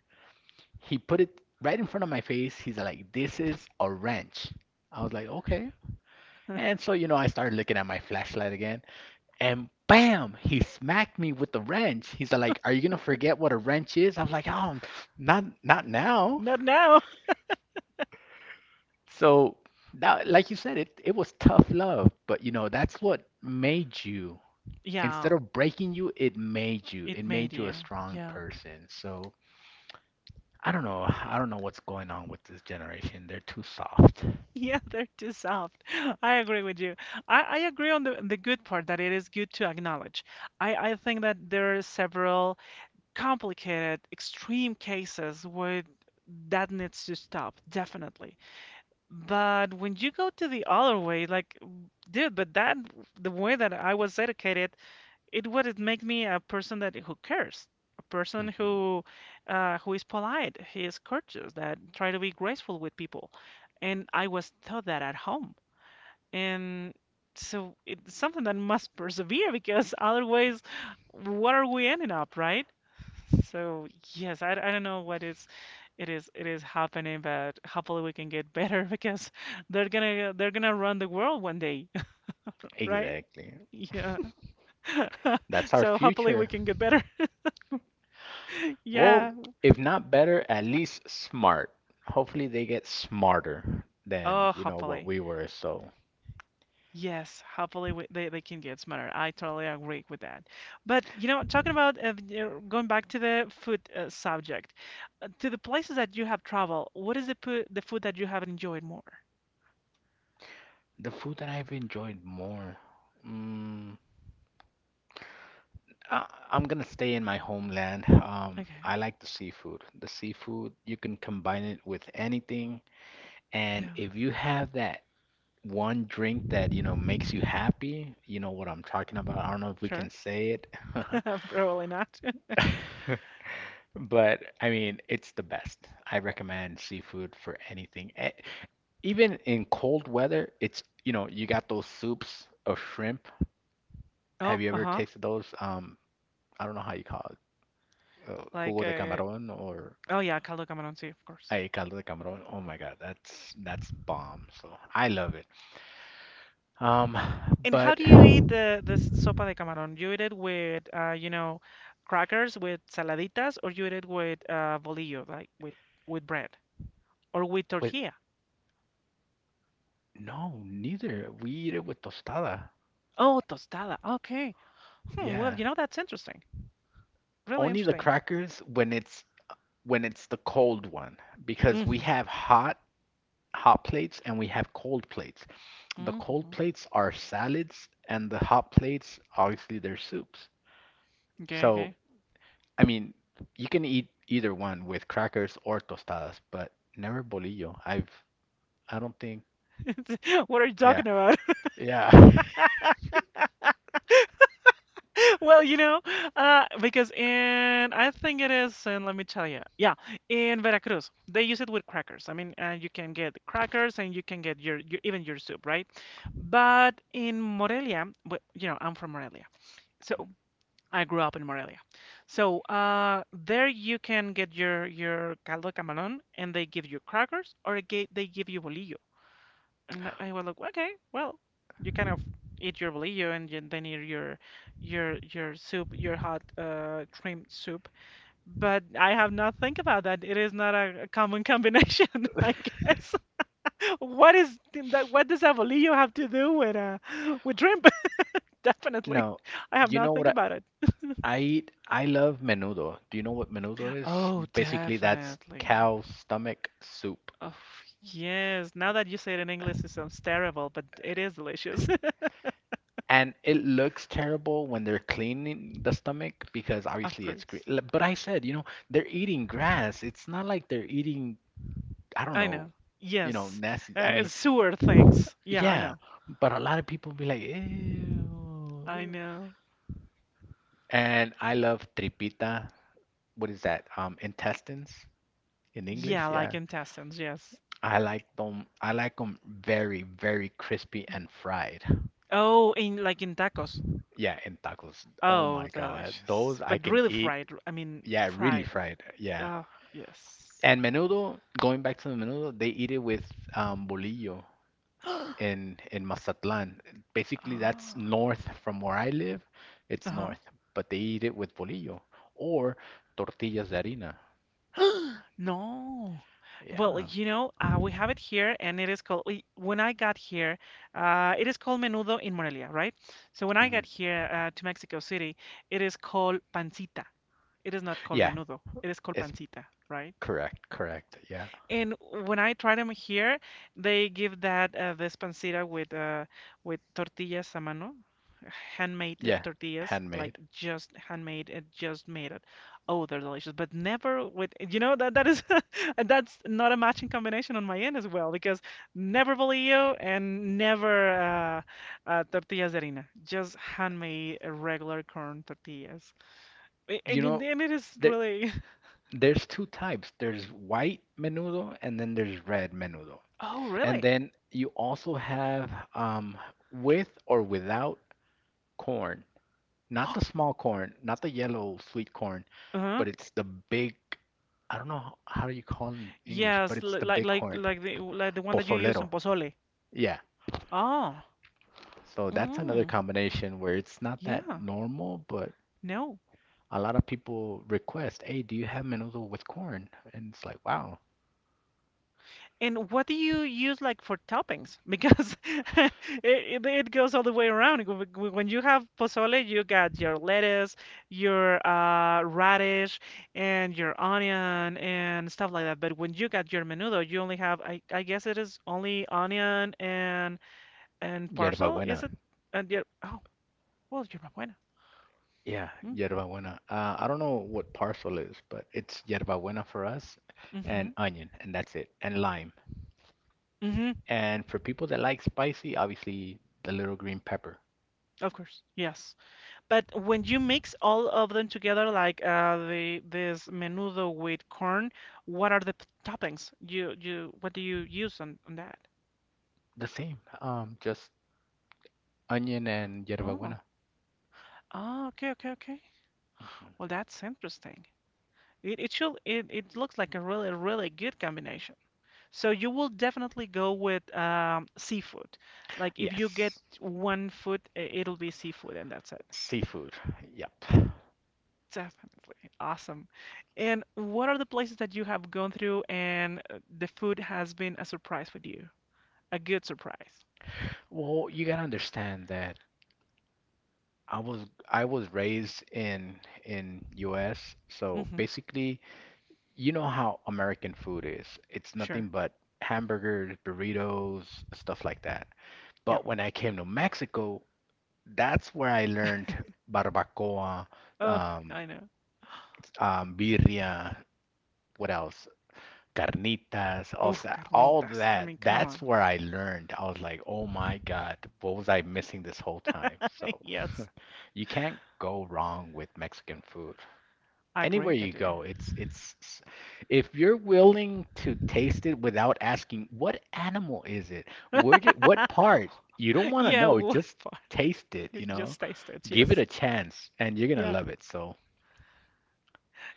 B: he put it right in front of my face. He's like, "This is a wrench." I was like, "Okay."
A: [LAUGHS]
B: And so, you know, I started looking at my flashlight again. And bam, he smacked me with the wrench. He's like, "Are you gonna forget what a wrench is?" I was like, "Oh, not now."
A: Not now.
B: So that, like you said, it was tough love, but you know, that's what made you. Instead
A: Yeah,
B: of breaking you, it made you.
A: it
B: It
A: made
B: made you a
A: you.
B: strong
A: Yeah.
B: person. So I don't know. I don't know what's going on with this generation. They're too soft.
A: [LAUGHS] Yeah, they're too soft. [LAUGHS] I agree with you. I agree on the, good part, that it is good to acknowledge. I think that there are several complicated, extreme cases where that needs to stop, definitely. But when you go to the other way, like, dude, but that, the way that I was educated, it would make me a person that who cares, a person
B: Hmm.
A: who is polite, he is courteous, that try to be graceful with people. And I was taught that at home. And so it's something that must [LAUGHS] persevere, because otherwise, what are we ending up, right? So yes, I don't know what is, it is happening, but hopefully we can get [LAUGHS] better, because they're gonna run the world one day, [LAUGHS] right?
B: Exactly.
A: Yeah.
B: That's our
A: So hopefully we
B: future.
A: can get better. [LAUGHS] Yeah.
B: Well, if not better, at least smart. Hopefully they get smarter than,
A: Oh,
B: you know, what
A: hopefully.
B: we were. So
A: Yes, hopefully they, can get smarter. I totally agree with that. But, you know, talking about you going back to the food subject, to the places that you have traveled, what is the, the food that you have enjoyed more?
B: the food that I've enjoyed more, mm, I, I'm gonna stay in my homeland.
A: Okay,
B: I like the seafood. The seafood, you can combine it with anything, and
A: yeah,
B: if you have that one drink that, you know, makes you happy, you know what I'm talking about. I don't know if we
A: sure.
B: can say
A: [LAUGHS] Probably not. [LAUGHS]
B: it. [LAUGHS] But I mean, it's the best. I recommend seafood for anything. E- Even in cold weather, it's, you know, you got those soups of shrimp.
A: Oh,
B: Have you ever
A: uh-huh.
B: tasted those? I don't know how you call it.
A: Like,
B: Jugo de camarón or
A: oh yeah, caldo de camarón, sí, of course.
B: ay, caldo de camarón. Oh my God, that's bomb. So I love it. Um,
A: And how
B: but
A: do you eat the this sopa de camarón? You eat it with, you know, crackers with saladitas, or you eat it with bolillo, like with bread? Or with
B: with
A: tortilla.
B: no, neither. We eat it with tostada.
A: Oh, tostada. Okay. Hmm, well,
B: Yeah.
A: you know, that's interesting. Really
B: Only the
A: interesting.
B: crackers when it's the cold one because we
A: Mm-hmm.
B: have hot hot plates and we have cold plates. The cold
A: Mm-hmm.
B: plates are salads, and the hot plates, obviously, they're soups.
A: Okay,
B: So,
A: okay.
B: I mean, you can eat either one with crackers or tostadas, but never bolillo. I've, I don't think,
A: [LAUGHS] What are you
B: Yeah,
A: talking about?
B: yeah. [LAUGHS]
A: [LAUGHS] Well, you know, because in, I think it is, and let me tell you, yeah, in Veracruz, they use it with crackers. I mean, you can get crackers, and you can get your, even your soup, right? But in Morelia, well, you know, I'm from Morelia, so I grew up in Morelia. So there you can get your caldo camarón, and they give you crackers, or they give you bolillo. And I was like, okay, well, you kind of eat your bolillo, and you, then eat your your soup, your hot cream soup. But I have not think about that. It is not a, a common combination, [LAUGHS] I guess. [LAUGHS] What is that? What does a bolillo have to do with shrimp? [LAUGHS] Definitely,
B: No,
A: I have
B: you know
A: not
B: what
A: think
B: I,
A: about it.
B: I eat? I love menudo. Do you know what menudo is?
A: Oh,
B: Basically, that's
A: definitely.
B: cow stomach soup.
A: Oh, yes. Now that you say it in English, it sounds terrible, but it is delicious. [LAUGHS]
B: And it looks terrible when they're cleaning the stomach because
A: Of
B: obviously it's green.
A: course.
B: L- But I said, you know, they're eating grass. It's not like they're eating, I don't
A: I
B: know,
A: know.
B: you know,
A: Yes.
B: nasty. I mean,
A: It's sewer things. Yeah, I
B: yeah,
A: know.
B: but a lot of people be like,
A: I
B: ew.
A: know.
B: And I love tripita. What is that? Intestines in
A: Yeah,
B: English?
A: like
B: Yeah.
A: intestines, yes.
B: I like them. I like them very, very crispy
A: Mm.
B: and fried.
A: Oh, in like in tacos.
B: Yeah, in tacos. Oh
A: Oh,
B: my God.
A: delicious.
B: Those I
A: But
B: can
A: really
B: eat.
A: fried. I mean,
B: Yeah, really
A: fried.
B: fried. Yeah.
A: Oh, yes.
B: And menudo, going back to the menudo, they eat it with bolillo
A: [GASPS]
B: in Mazatlán. Basically, that's
A: Oh,
B: north from where I live. It's
A: uh-huh.
B: north, but they eat it with bolillo or tortillas de harina.
A: [GASPS] No. Well,
B: Yeah.
A: you know, we have it here, and it is called. When I got here, it is called menudo in Morelia, right? So when I
B: Hmm.
A: got here to Mexico City, it is called pancita. It is not called
B: Yeah,
A: menudo. It is called
B: it's
A: pancita, right?
B: correct, correct. Yeah.
A: And when I try them here, they give that Vespancita with tortillas a mano, handmade
B: Yeah,
A: tortillas, like
B: handmade.
A: just handmade and just made it. Oh, they're delicious, but never with, you know, that that is [LAUGHS] that's not a matching combination on my end as well, because never bolillo and never tortillas de harina, just handmade regular corn tortillas.
B: You know,
A: And it is
B: there
A: really
B: there's two types. There's white menudo and then there's red menudo.
A: [LAUGHS] oh
B: And
A: really.
B: then you also have with or without corn. Not the small corn, not the yellow sweet corn, but
A: [GASPS]
B: it's the big, I don't know how do you call it in English, but
A: Yes,
B: it's the
A: like
B: big corn,
A: the the one that you use
B: pozolero.
A: in pozole.
B: Yeah.
A: Ah,
B: So that's another
A: mm,
B: combination where it's not that
A: yeah,
B: normal, but
A: no.
B: a lot of people request, "Hey, do you have menudo with corn?" And it's like, "Wow,
A: And what do you use like for toppings? Because [LAUGHS] it goes all the way around. When you have pozole, you got your lettuce, your radish, and your onion and stuff like that. But when you got your menudo, you only have I guess it is only onion and
B: yerba
A: parcel.
B: buena."
A: Is it? And your oh well, yerba buena.
B: Yeah,
A: Mm,
B: yerba buena. I don't know what parcel is, but it's yerba buena for us
A: mm-hmm.
B: and onion, and that's it, and lime.
A: Mm-hmm.
B: And for people that like spicy, obviously the little green pepper.
A: Of course, yes. But when you mix all of them together, like the this menudo with corn, what are the toppings? You what do you use on that?
B: The same, just onion and yerba
A: Oh,
B: buena.
A: oh, okay, okay, okay. Well, that's interesting. It should it, it looks like a really really good combination. So you will definitely go with seafood. Like if you get
B: Yes,
A: one food, it'll be seafood, and that's it.
B: seafood. Yep.
A: Definitely. Awesome. And what are the places that you have gone through and the food has been a surprise for you? A good surprise.
B: Well, you gotta understand that I was I was raised in US, so
A: Mm-hmm.
B: basically, you know how American food is. It's nothing
A: Sure.
B: but hamburgers, burritos, stuff like that.
A: Yeah.
B: But when I came to Mexico, that's where I learned barbacoa,
A: Oh,
B: um,
A: I know. [GASPS]
B: birria, what else? Carnitas,
A: Oh,
B: also all
A: carnitas. I
B: that.
A: mean, come
B: That's
A: on.
B: where I learned. I was like, oh my God, what was I missing this whole time?
A: [LAUGHS]
B: So
A: Yes.
B: you can't go wrong with Mexican food. Anywhere
A: Agree
B: you
A: with you.
B: go, it's if you're willing to taste it without asking what animal is it? Where did what
A: [LAUGHS]
B: part? You don't want to
A: Yeah,
B: know,
A: what
B: just
A: part?
B: taste it, you
A: [LAUGHS]
B: know?
A: Just taste it.
B: Give it
A: Yes.
B: a chance and you're gonna
A: Yeah.
B: love it. So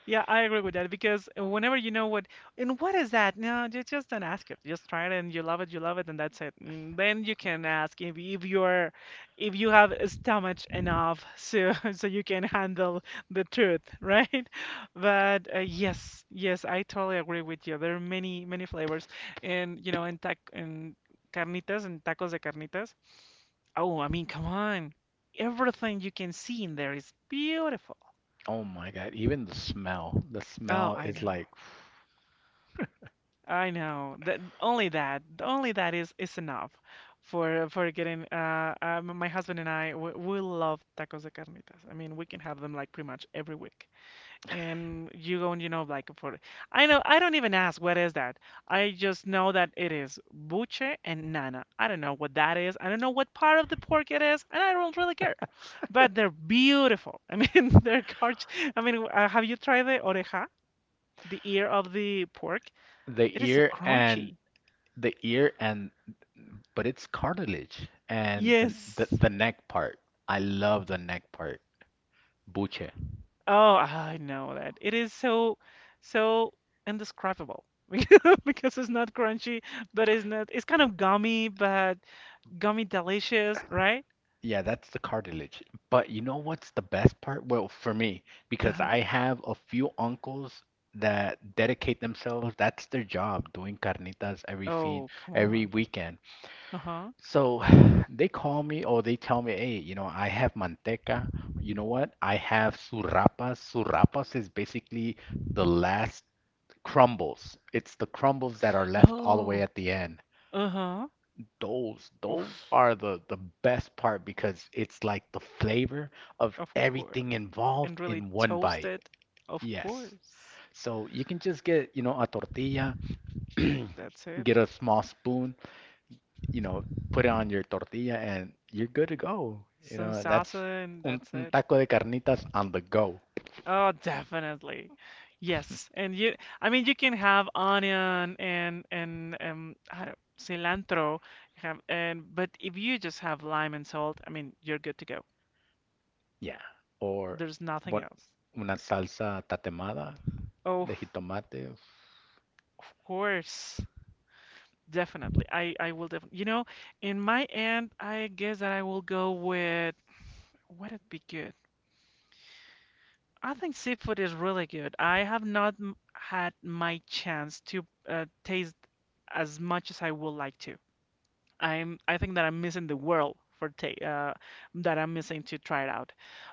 A: Yeah, I agree with that, because whenever you know what and what is that? No, just don't ask it. Just try it and you love it, and that's it. And then you can ask if you're, if you have a stomach enough so [LAUGHS] so you can handle the truth, right? [LAUGHS] But yes, yes, I totally agree with you. There are many many flavors, and you know, in carnitas and tacos de carnitas. Oh, I mean, come on. Everything you can see in there is beautiful.
B: oh my God, even the smell. The
A: Oh,
B: smell
A: I
B: is
A: know.
B: like
A: I know that only that is enough for getting my husband and I we love tacos de carnitas. I mean, we can have them like pretty much every week. And you go and you know like for I know I don't even ask what is that. I just know that it is buche and nana. I don't know what that is. I don't know what part of the pork it is, and I don't really care. But they're beautiful. I mean, [LAUGHS] they're gorgeous. I mean, have you tried the oreja, the ear of the pork?
B: [SIGHS] the
A: It is so
B: ear and
A: crunchy.
B: the ear, and but it's cartilage and
A: Yes.
B: the neck part. I love the neck part. Buche.
A: Oh, I know that. It is so so indescribable [LAUGHS] because it's not crunchy, but it's not it's kind of gummy, but gummy delicious, right?
B: Yeah, that's the cartilage. But you know what's the best part? Well, for me, because
A: Uh-huh.
B: I have a few uncles that dedicate themselves, that's their job, doing carnitas
A: Oh, come
B: every
A: on.
B: weekend.
A: Uh-huh.
B: So [SIGHS] they call me or they tell me, hey, you know, I have manteca. You know what? I have surapas. Surapas is basically the last crumbles. It's the crumbles that are left all the way
A: Oh,
B: at the end.
A: uh-huh.
B: Those
A: Oof,
B: are the best part because it's like the flavor of
A: of
B: everything
A: course. And
B: involved
A: really
B: in one bite.
A: toasted, of
B: Yes.
A: course.
B: So you can just get, you know, a tortilla,
A: That's
B: [CLEARS THROAT]
A: it.
B: get a small spoon, you know, put it on your tortilla and you're good to go. You
A: Some
B: know, that's
A: salsa and
B: un,
A: that's
B: un
A: it.
B: taco de carnitas on the go.
A: Oh, definitely. Yes. And you, I mean, you can have onion and I don't, cilantro, you have and but if you just have lime and salt, I mean, you're good to go.
B: Yeah. Or
A: There's nothing
B: what
A: else.
B: una salsa tatemada
A: Oh,
B: de jitomate,
A: of course. Definitely. I will definitely. You know, in my end, I guess that I will go with what would be good. I think seafood is really good. I have not had my chance to taste as much as I would like to. I think that I'm missing the world for take that I'm missing to try it out.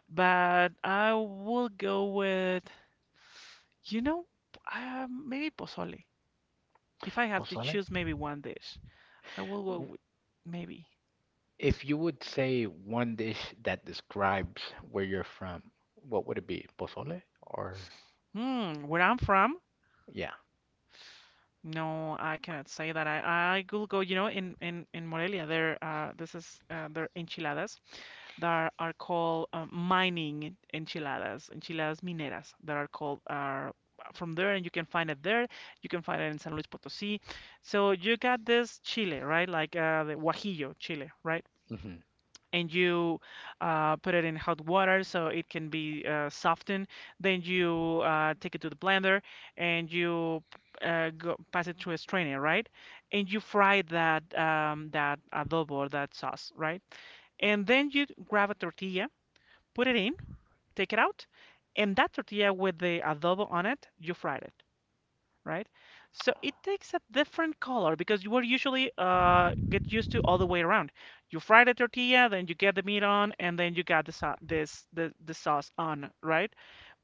A: But I will go with you know maybe pozole. If I have to
B: pozole.
A: choose maybe one dish, I will go
B: W-
A: with maybe.
B: If you would say one dish that describes where you're from, what would it be? Pozole or
A: Hmm, where I'm from?
B: yeah.
A: No, I cannot say that. I will go. You know, in Morelia, there this is their enchiladas. That are called mining enchiladas, enchiladas mineras that are called are from there, and you can find it there. You can find it in San Luis Potosí. So you got this chile, right? Like the guajillo chile, right?
B: Hmm.
A: And you put it in hot water so it can be softened. Then you take it to the blender and you pass it through a strainer, right? And you fry that that adobo or that sauce, right? And then you grab a tortilla, put it in, take it out, and that tortilla with the adobo on it, you fried it, right? So it takes a different color because you were usually get used to all the way around. You fry the tortilla, then you get the meat on, and then you got the the sauce on, right?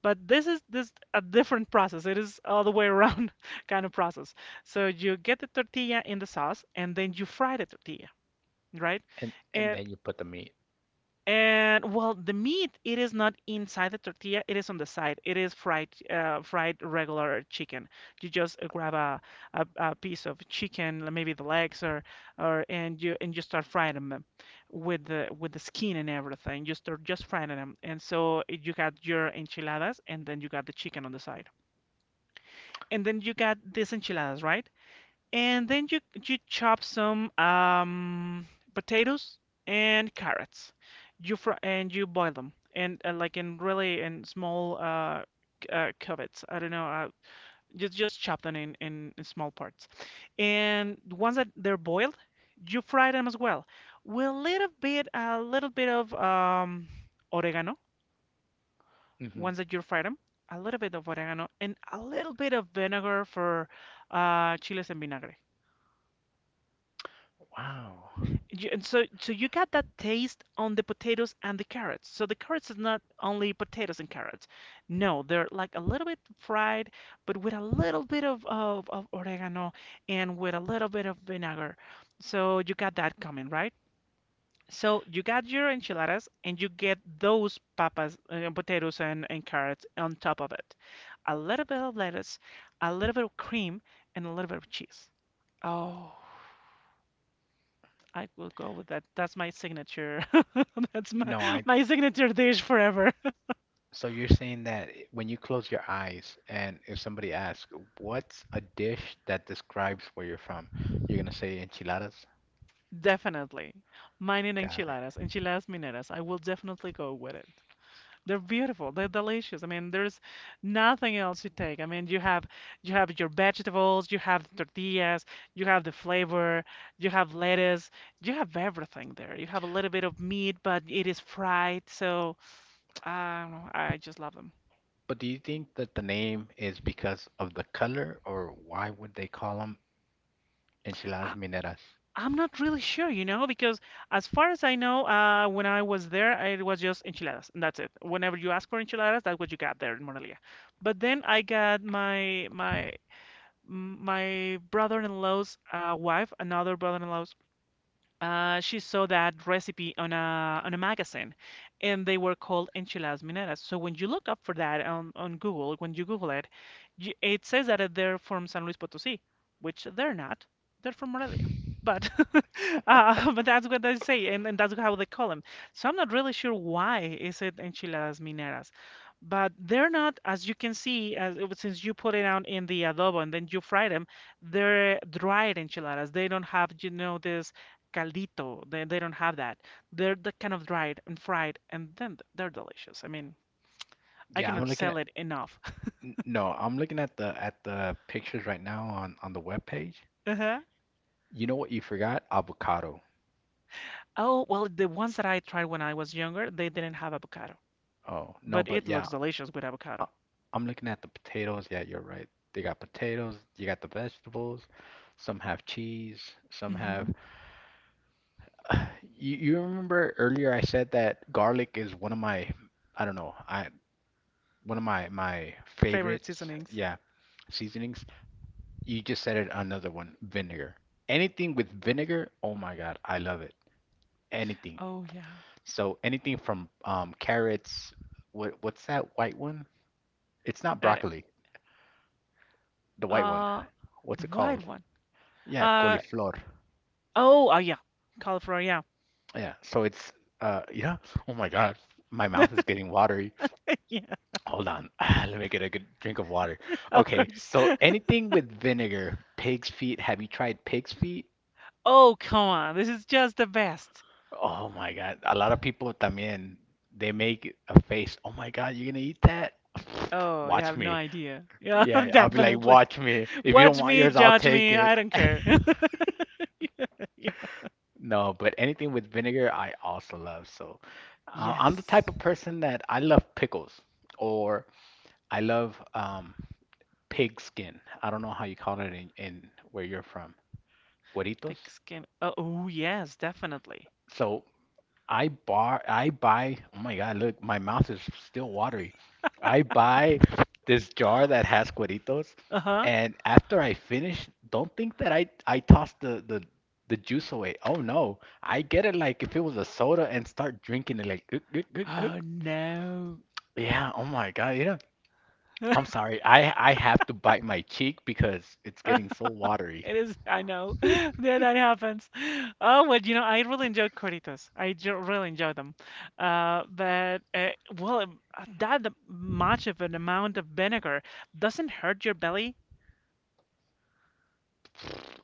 A: But this is this a different process. It is all the way around [LAUGHS] kind of process. So you get the tortilla in the sauce, and then you fry the tortilla, right?
B: And
A: And
B: then you put the meat.
A: and well, the meat, it is not inside the tortilla, it is on the side. It is fried, fried regular chicken. You just grab a piece of chicken, maybe the legs or and you start frying them with the skin and everything. You start just frying them. And so you got your enchiladas and then you got the chicken on the side. And then you got these enchiladas, right? And then you chop some potatoes and carrots. You boil them and like in really in small cubits. I don't know. Just chop them in small parts. And once that they're boiled, you fry them as well with a little bit of oregano.
B: Hmm.
A: Once that you fry them, a little bit of oregano and a little bit of vinegar for chiles en vinagre.
B: Wow.
A: So you got that taste on the potatoes and the carrots. So the carrots is not only potatoes and carrots. No, they're like a little bit fried, but with a little bit of oregano and with a little bit of vinegar. So you got that coming, right? So you got your enchiladas and you get those papas, potatoes and carrots on top of it. A little bit of lettuce, a little bit of cream, and a little bit of cheese. Oh, I will go with that. That's my signature. [LAUGHS] That's my
B: No, I
A: my signature dish forever.
B: so you're saying that when you close your eyes and if somebody asks, what's a dish that describes where you're from? You're gonna say enchiladas?
A: [LAUGHS] Definitely. Mine in
B: Got it.
A: enchiladas, enchiladas mineras. I will definitely go with it. They're beautiful. They're delicious. I mean, there's nothing else you take. I mean, you have your vegetables, you have the tortillas, you have the flavor, you have lettuce, you have everything there. You have a little bit of meat, but it is fried, so I I just love them.
B: But do you think that the name is because of the color or why would they call them enchiladas
A: I
B: mineras?
A: I'm not really sure, you know, because as far as I know, when I was there, it was just enchiladas, and that's it. Whenever you ask for enchiladas, that's what you got there in Morelia. But then I got my brother-in-law's wife, another brother-in-law's she saw that recipe on a magazine, and they were called enchiladas mineras. So when you look up for that on Google, when you Google it, you, it says that they're from San Luis Potosí, which they're not. They're from Morelia. But [LAUGHS] but that's what they say, and that's how they call them. So I'm not really sure why is it enchiladas mineras, but they're not, as you can see, as since you put it out in the adobo and then you fry them, they're dried enchiladas. They don't have, you know, this caldito. They don't have that. They're the kind of dried and fried, and then they're delicious. I mean, I
B: Yeah, I'm
A: cannot
B: looking
A: sell
B: at
A: it enough. [LAUGHS]
B: n- no, I'm looking at the pictures right now on the web page.
A: Uh-huh.
B: You know what you forgot? Avocado.
A: Oh, well, the ones that I tried when I was younger, they didn't have avocado,
B: Oh, no,
A: but
B: but
A: it
B: yeah,
A: looks delicious with
B: uh,
A: avocado.
B: I'm looking at the potatoes. Yeah, you're right. They got potatoes, you got the vegetables, some have cheese, some
A: Hmm.
B: have [SIGHS] you remember earlier I said that garlic is one of my I don't know, I one of my my
A: Favorite
B: favorites.
A: seasonings.
B: Yeah, seasonings. You just said it another one, vinegar. Anything with vinegar, oh my God, I love it. Anything.
A: Oh yeah.
B: So anything from carrots, what's that white one? It's not
A: Uh,
B: broccoli, the white one.
A: uh,
B: What's
A: the
B: it
A: white
B: called?
A: one.
B: Yeah,
A: Uh,
B: cauliflower.
A: oh, yeah. Cauliflower. Yeah.
B: Yeah, so it's yeah. Oh my God, my mouth
A: [LAUGHS]
B: is getting watery.
A: Yeah,
B: Hold on, [SIGHS] let me get a good drink of water.
A: of
B: Okay,
A: course.
B: so anything with vinegar, pig's feet. Have you tried pig's feet?
A: Oh, come on. This is just the best.
B: Oh my God, a lot of people también they make a face. Oh my God, you're gonna eat that? [SIGHS] [SNIFFS]
A: Oh, you
B: Watch
A: have no
B: me.
A: idea. Yeah,
B: Yeah,
A: [LAUGHS]
B: I'll be like,
A: definitely.
B: watch me. If you don't
A: Watch
B: want
A: me,
B: yours, I'll
A: judge
B: take
A: me,
B: it.
A: I don't care. [LAUGHS] Yeah.
B: No, but anything with vinegar, I also love. So, I'm the
A: Yes.
B: type of person that I love pickles, or I love pig skin. I don't know how you call it in where you're from,
A: Thick
B: gueritos.
A: skin. Oh, oh, yes, definitely.
B: So I buy oh my God, look, my mouth is still watery. I buy this jar that has cueritos
A: Uh-huh.
B: and after I finish, don't think that I toss the juice away. Oh no, I get it like if it was a soda and start drinking it like "Gug, gug, gug, gug."
A: Oh no.
B: Yeah, oh my God, yeah. I'm
A: [LAUGHS]
B: sorry. I have to bite my cheek because it's getting so watery.
A: It is, I know. [LAUGHS] Yeah, that happens. Oh, well, you know, I really enjoy Corritos. I jo- really enjoy them. Uh, but, uh, that much of an amount of vinegar doesn't hurt your belly.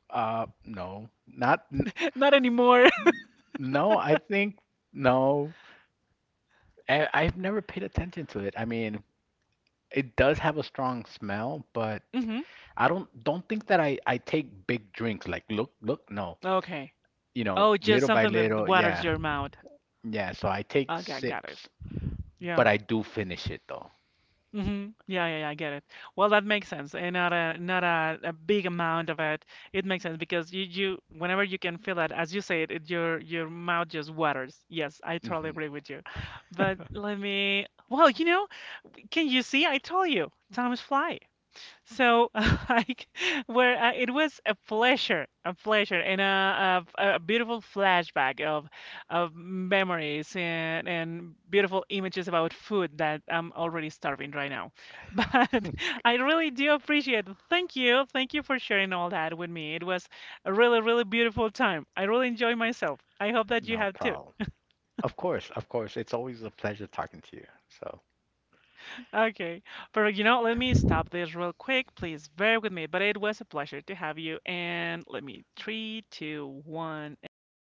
B: No, not n-
A: [LAUGHS] Not anymore.
B: No. I think no. I've never paid attention to it. I mean, it does have a strong smell, but
A: [LAUGHS] Hmm.
B: I don't think that I take big drinks like look look no.
A: Okay.
B: You know,
A: Oh, just
B: little by
A: something that
B: little, yeah.
A: waters your mouth.
B: Yeah, so I take
A: Okay, got it.
B: sips,
A: Yeah.
B: but I do finish it though.
A: Hmm. Yeah, yeah, yeah, I get it. Well, that makes sense. And not a big amount of it. It makes sense because you whenever you can feel it, as you said, it, your mouth just waters. Yes, I totally
B: Hmm.
A: agree with you. But let me. Well, you know, can you see? I told you, time is fly. So, [LAUGHS] like, where it was a pleasure, and a beautiful flashback of memories and beautiful images about food that I'm already starving right now. [LAUGHS] But I really do appreciate it. Thank you. Thank you for sharing all that with me. It was a really, really beautiful time. I really enjoyed myself. I hope that you
B: No
A: have too.
B: problem. Of course, of course. It's always a pleasure talking to you. So
A: Okay. But you know, let me stop this real quick. Please bear with me. But it was a pleasure to have you. And let me, three, two, one, and stop.